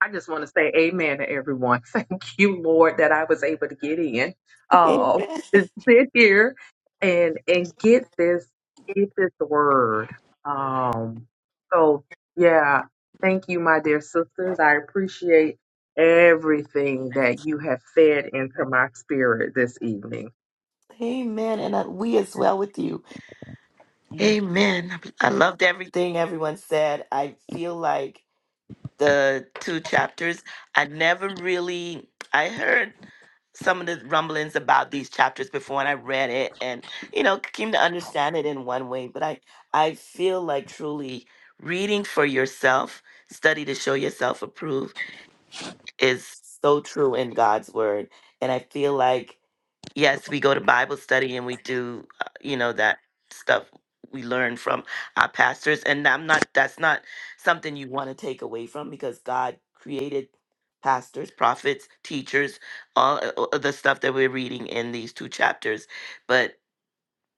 S5: I just want to say amen to everyone. Thank you, Lord, that I was able to get in, uh,
S1: Amen.
S5: to sit here and and get this get this word. Um, so yeah, thank you, my dear sisters. I appreciate everything that you have fed into my spirit this evening.
S1: Amen. And uh, we as well with you.
S4: Yep,
S1: Amen. I I loved everything. Thing everyone said, I feel like. the two chapters. I never really I heard some of the rumblings about these chapters before and I read it and you know came to understand it in one way, but I I feel like truly reading for yourself, study to show yourself approved is so true in God's word and I feel like yes, we go to Bible study and we do, uh, you know, that stuff we learn from our pastors. And I'm not, that's not something you want to take away from because God created pastors, prophets, teachers, all uh, uh, the stuff that we're reading in these two chapters. But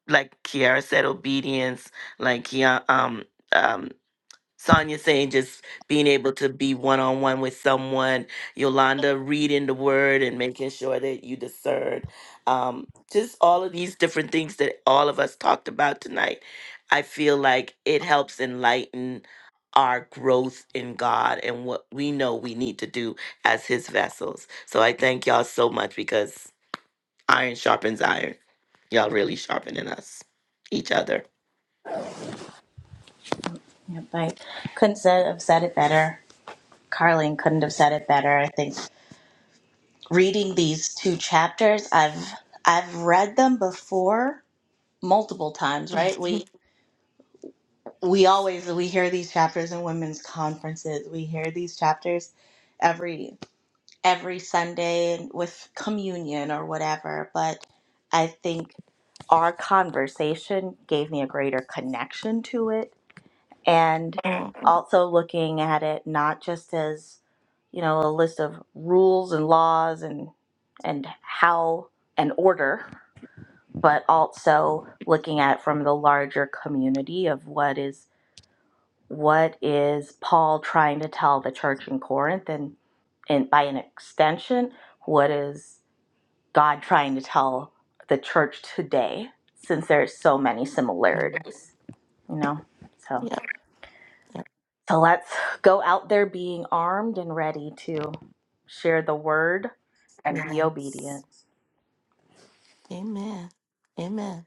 S1: like Kiara said, obedience, like yeah, um, um, Sonia saying just being able to be one on one with someone, Yolanda reading the word and making sure that you discern. Um, just all of these different things that all of us talked about tonight. I feel like it helps enlighten our growth in God and what we know we need to do as His vessels. So I thank y'all so much because iron sharpens iron. Y'all really sharpening us, each other.
S4: yep, I couldn't said, have said it better. Carlene couldn't have said it better. I think reading these two chapters, I've I've read them before multiple times, right? we always we hear these chapters in women's conferences we hear these chapters every every sunday with communion or whatever but i think our conversation gave me a greater connection to it and
S1: Mhm.
S4: also looking at it not just as you know a list of rules and laws and and how and order but also looking at from the larger community of what is what is Paul trying to tell the church in Corinth and and by an extension what is God trying to tell the church today since there's so many
S1: Yeah.
S4: similarities you know so
S1: Yep.
S4: so let's go out there being armed and ready to share the word and
S1: Yep.
S4: be
S1: Yes.
S4: obedient
S1: Amen. Amen.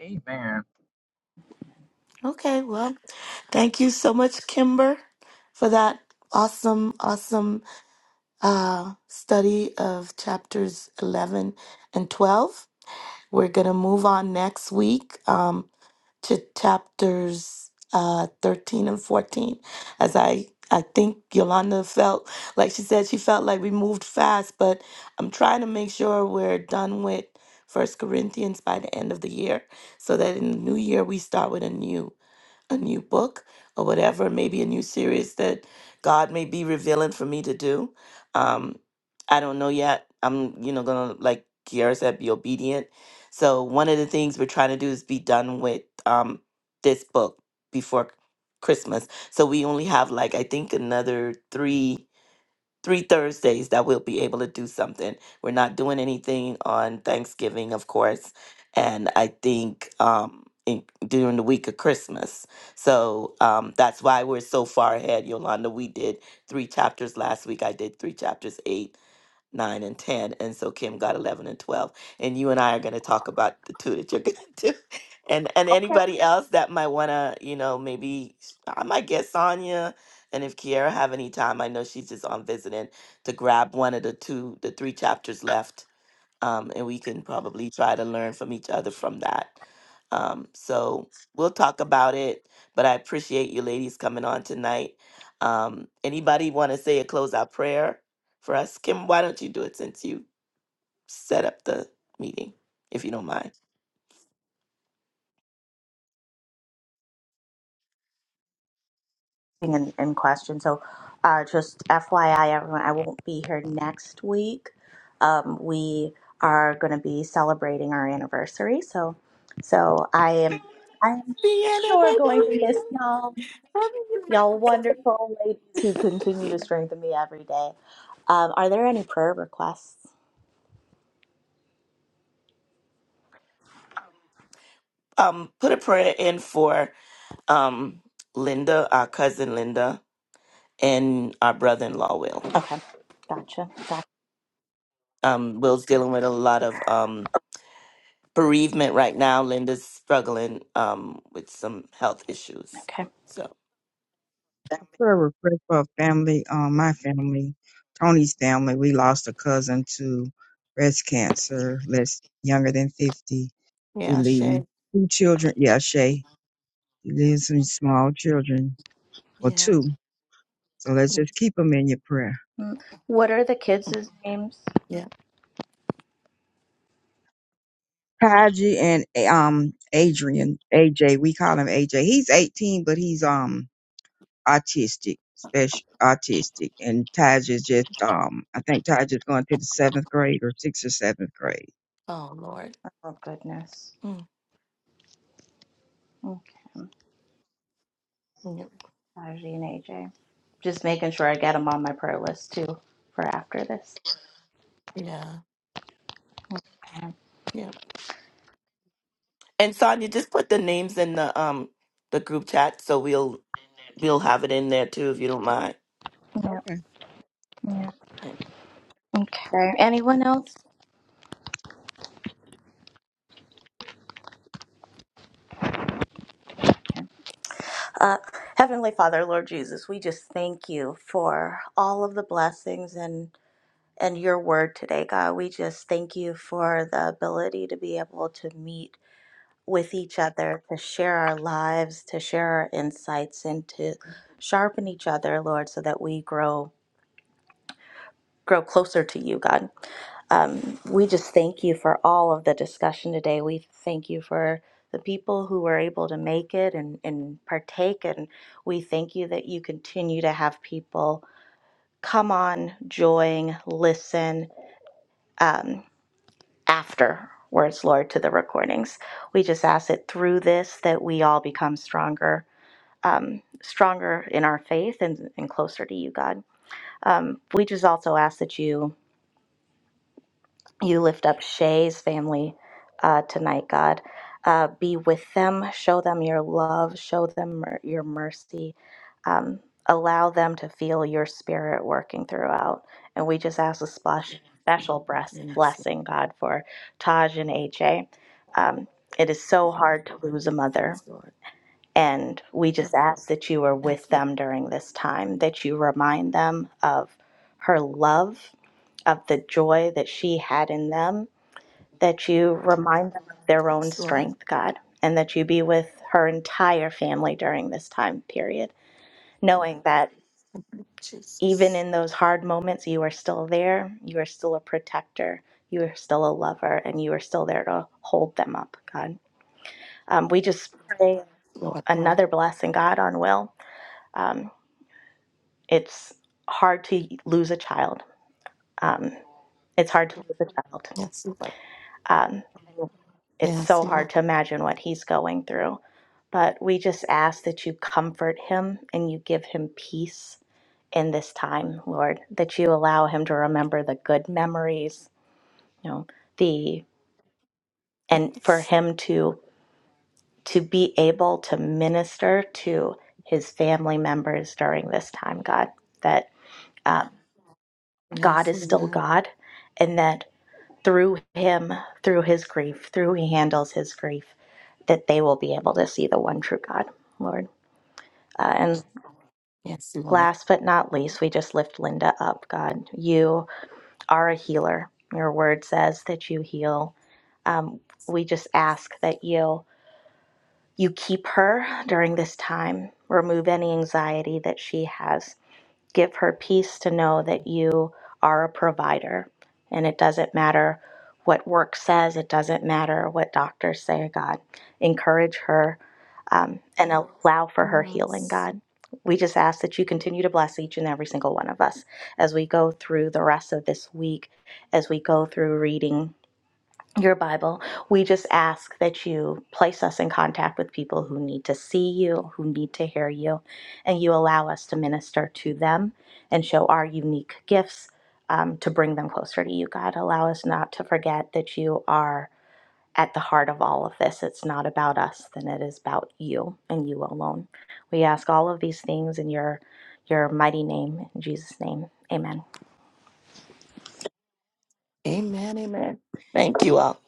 S5: Amen.
S1: Okay, well, thank you so much, Kimber, for that awesome, awesome uh, study of chapters 11 and 12. We're going to move on next week. Um, to chapters uh, 13 and 14 as i i think yolanda felt like she said she felt like we moved fast but i'm trying to make sure we're done with first corinthians by the end of the year so that in the new year we start with a new a new book or whatever, maybe a new series that God may be revealing for me to do. Um, I don't know yet. I'm, you know, gonna like Kiara said, be obedient. So one of the things we're trying to do is be done with um this book before Christmas. So we only have like I think another three three Thursdays that we'll be able to do something. We're not doing anything on Thanksgiving, of course, and I think um, in, during the week of Christmas. So um, that's why we're so far ahead, Yolanda. We did three chapters last week. I did three chapters eight nine, and 10. And so Kim got 11 and 12. And you and I are going to talk about the two that you're going to do. And, and
S5: Okay,
S1: anybody else that might want to, you know, maybe s- I might get Sonia. And if Kiara have any time, I know she's just on visiting to grab one of the two, the three chapters left um, and we can probably try to learn from each other from that. Um, so we'll talk about it, but I appreciate you ladies coming on tonight. Um, anybody want to say a closeout prayer for us? Kim, why don't you do it since you set up the meeting, if you don't mind?
S4: in, in question. So, uh, just FYI, everyone, I won't be here next week. Um, we are going to be celebrating our anniversary. So, so I am, I am
S1: Vienna,
S4: sure
S1: my
S4: going to
S1: darling,
S4: miss y'all,
S1: love
S4: y'all wonderful ladies who continue
S1: you.
S4: to strengthen me every day. Um, are there any prayer requests?
S1: Um, put a prayer in for um, Linda, our cousin Linda, and our brother-in-law Will.
S4: Okay, gotcha. Got,
S1: Um, Will's dealing with a lot of um, bereavement right now. Linda's struggling um with some health issues.
S4: okay.
S1: So
S2: prayer request for a family, um, my family, Tony's family. We lost a cousin to breast cancer, less younger than fifty. He
S1: yeah,
S2: leaves
S1: shame.
S2: two children. Yeah, Shay. He lives with small children, or
S1: Yeah,
S2: two. So let's
S1: Mm,
S2: just keep them in your prayer.
S4: Mm. What are the kids'
S1: mm,
S4: names?
S1: yeah.
S2: Kaji and um Adrian, AJ. We call him AJ. He's eighteen, but he's um autistic, special autistic, and Taj is just um I think Taj is going to the seventh grade or sixth or seventh grade.
S1: Oh Lord.
S4: Oh goodness.
S1: Mm,
S4: Mm.
S1: mm,
S4: Najee and AJ. Just making sure I get them on my prayer list too for after this.
S1: Yeah,
S4: Yeah,
S1: yeah. And Sonia, just put the names in the um the group chat so we'll we'll have it in there too if you don't mind.
S4: yeah.
S1: Okay.
S4: Okay. Okay. Anyone else? Okay. Uh, Heavenly Father, Lord Jesus, we just thank you for all of the blessings and and your word today, God. We just thank you for the ability to be able to meet with each other, to share our lives, to share our insights, and to sharpen each other, Lord, so that we grow. grow closer to you, God. Um, we just thank you for all of the discussion today. We thank you for the people who were able to make it and, and partake. And we thank you that you continue to have people come on, join, listen um, afterwards, Lord, to the recordings. We just ask that through this that we all become stronger, um, stronger in our faith and, and closer to you, God. Um, we just also ask that you You lift up Shay's family uh, tonight, God. Uh, be with them, show them your love, show them mer- your mercy. Um, allow them to feel your spirit working throughout. And we just ask a splash, special bless,
S1: Yes, Lord.
S4: blessing, God, for Taj and AJ. Um, it is so hard to lose a mother.
S1: Yes, Lord.
S4: And we just ask that you are
S1: Yes,
S4: with
S1: Lord.
S4: them during this time, that you remind them of her love, of the joy that she had in them that you remind them of their own
S1: Yes, Lord.
S4: strength, God, and that you be with her entire family during this time period, knowing that even
S1: Jesus.
S4: in those hard moments, you are still there, you are still a protector, you are still a lover, and you are still there to hold them up, God. Um, we just pray
S1: Lord. Lord.
S4: another blessing, God, on Will. Um, it's hard to lose a child. Um, it's hard to lose a child.
S1: Yes, Lord.
S4: Um, it's
S1: Yes,
S4: so
S1: Lord.
S4: hard to imagine what he's going through. But we just ask that you comfort him and you give him peace in this time, Lord, that you allow him to remember the good memories, you know, the and for him to to be able to minister to his family members during this time, God, that uh, God
S1: Yes,
S4: is still
S1: Lord.
S4: God, and that through him, through his grief, through he handles his grief, that they will be able to see the one true God, Lord. Uh, and
S1: Yes, Lord.
S4: last but not least, we just lift Linda up, God. You are a healer. Your word says that you heal. Um, we just ask that you you keep her during this time. Remove any anxiety that she has. give her peace to know that you are a provider. And it doesn't matter what work says, it doesn't matter what doctors say, God. Encourage her um, and allow for her healing,
S1: Yes.
S4: God. We just ask that you continue to bless each and every single one of us as we go through the rest of this week, as we go through reading your Bible. We just ask that you place us in contact with people who need to see you, who need to hear you, and you allow us to minister to them and show our unique gifts um, to bring them closer to you, God. Allow us not to forget that you are at the heart of all of this. It's not about us, then it is about you and you alone. We ask all of these things in your your mighty name, in Jesus' name. Amen.
S1: Amen. Amen. Thank you all.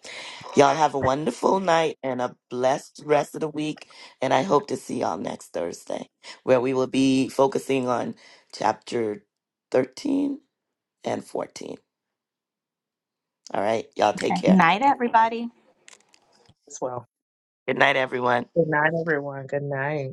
S1: Y'all have a wonderful night and a blessed rest of the week. And I hope to see y'all next Thursday, where we will be focusing on chapter 13 and 14. All right. Y'all take
S4: Okay.
S1: care.
S4: Night, everybody.
S5: as well.
S1: Good night, everyone.
S5: Good night, everyone. Good night.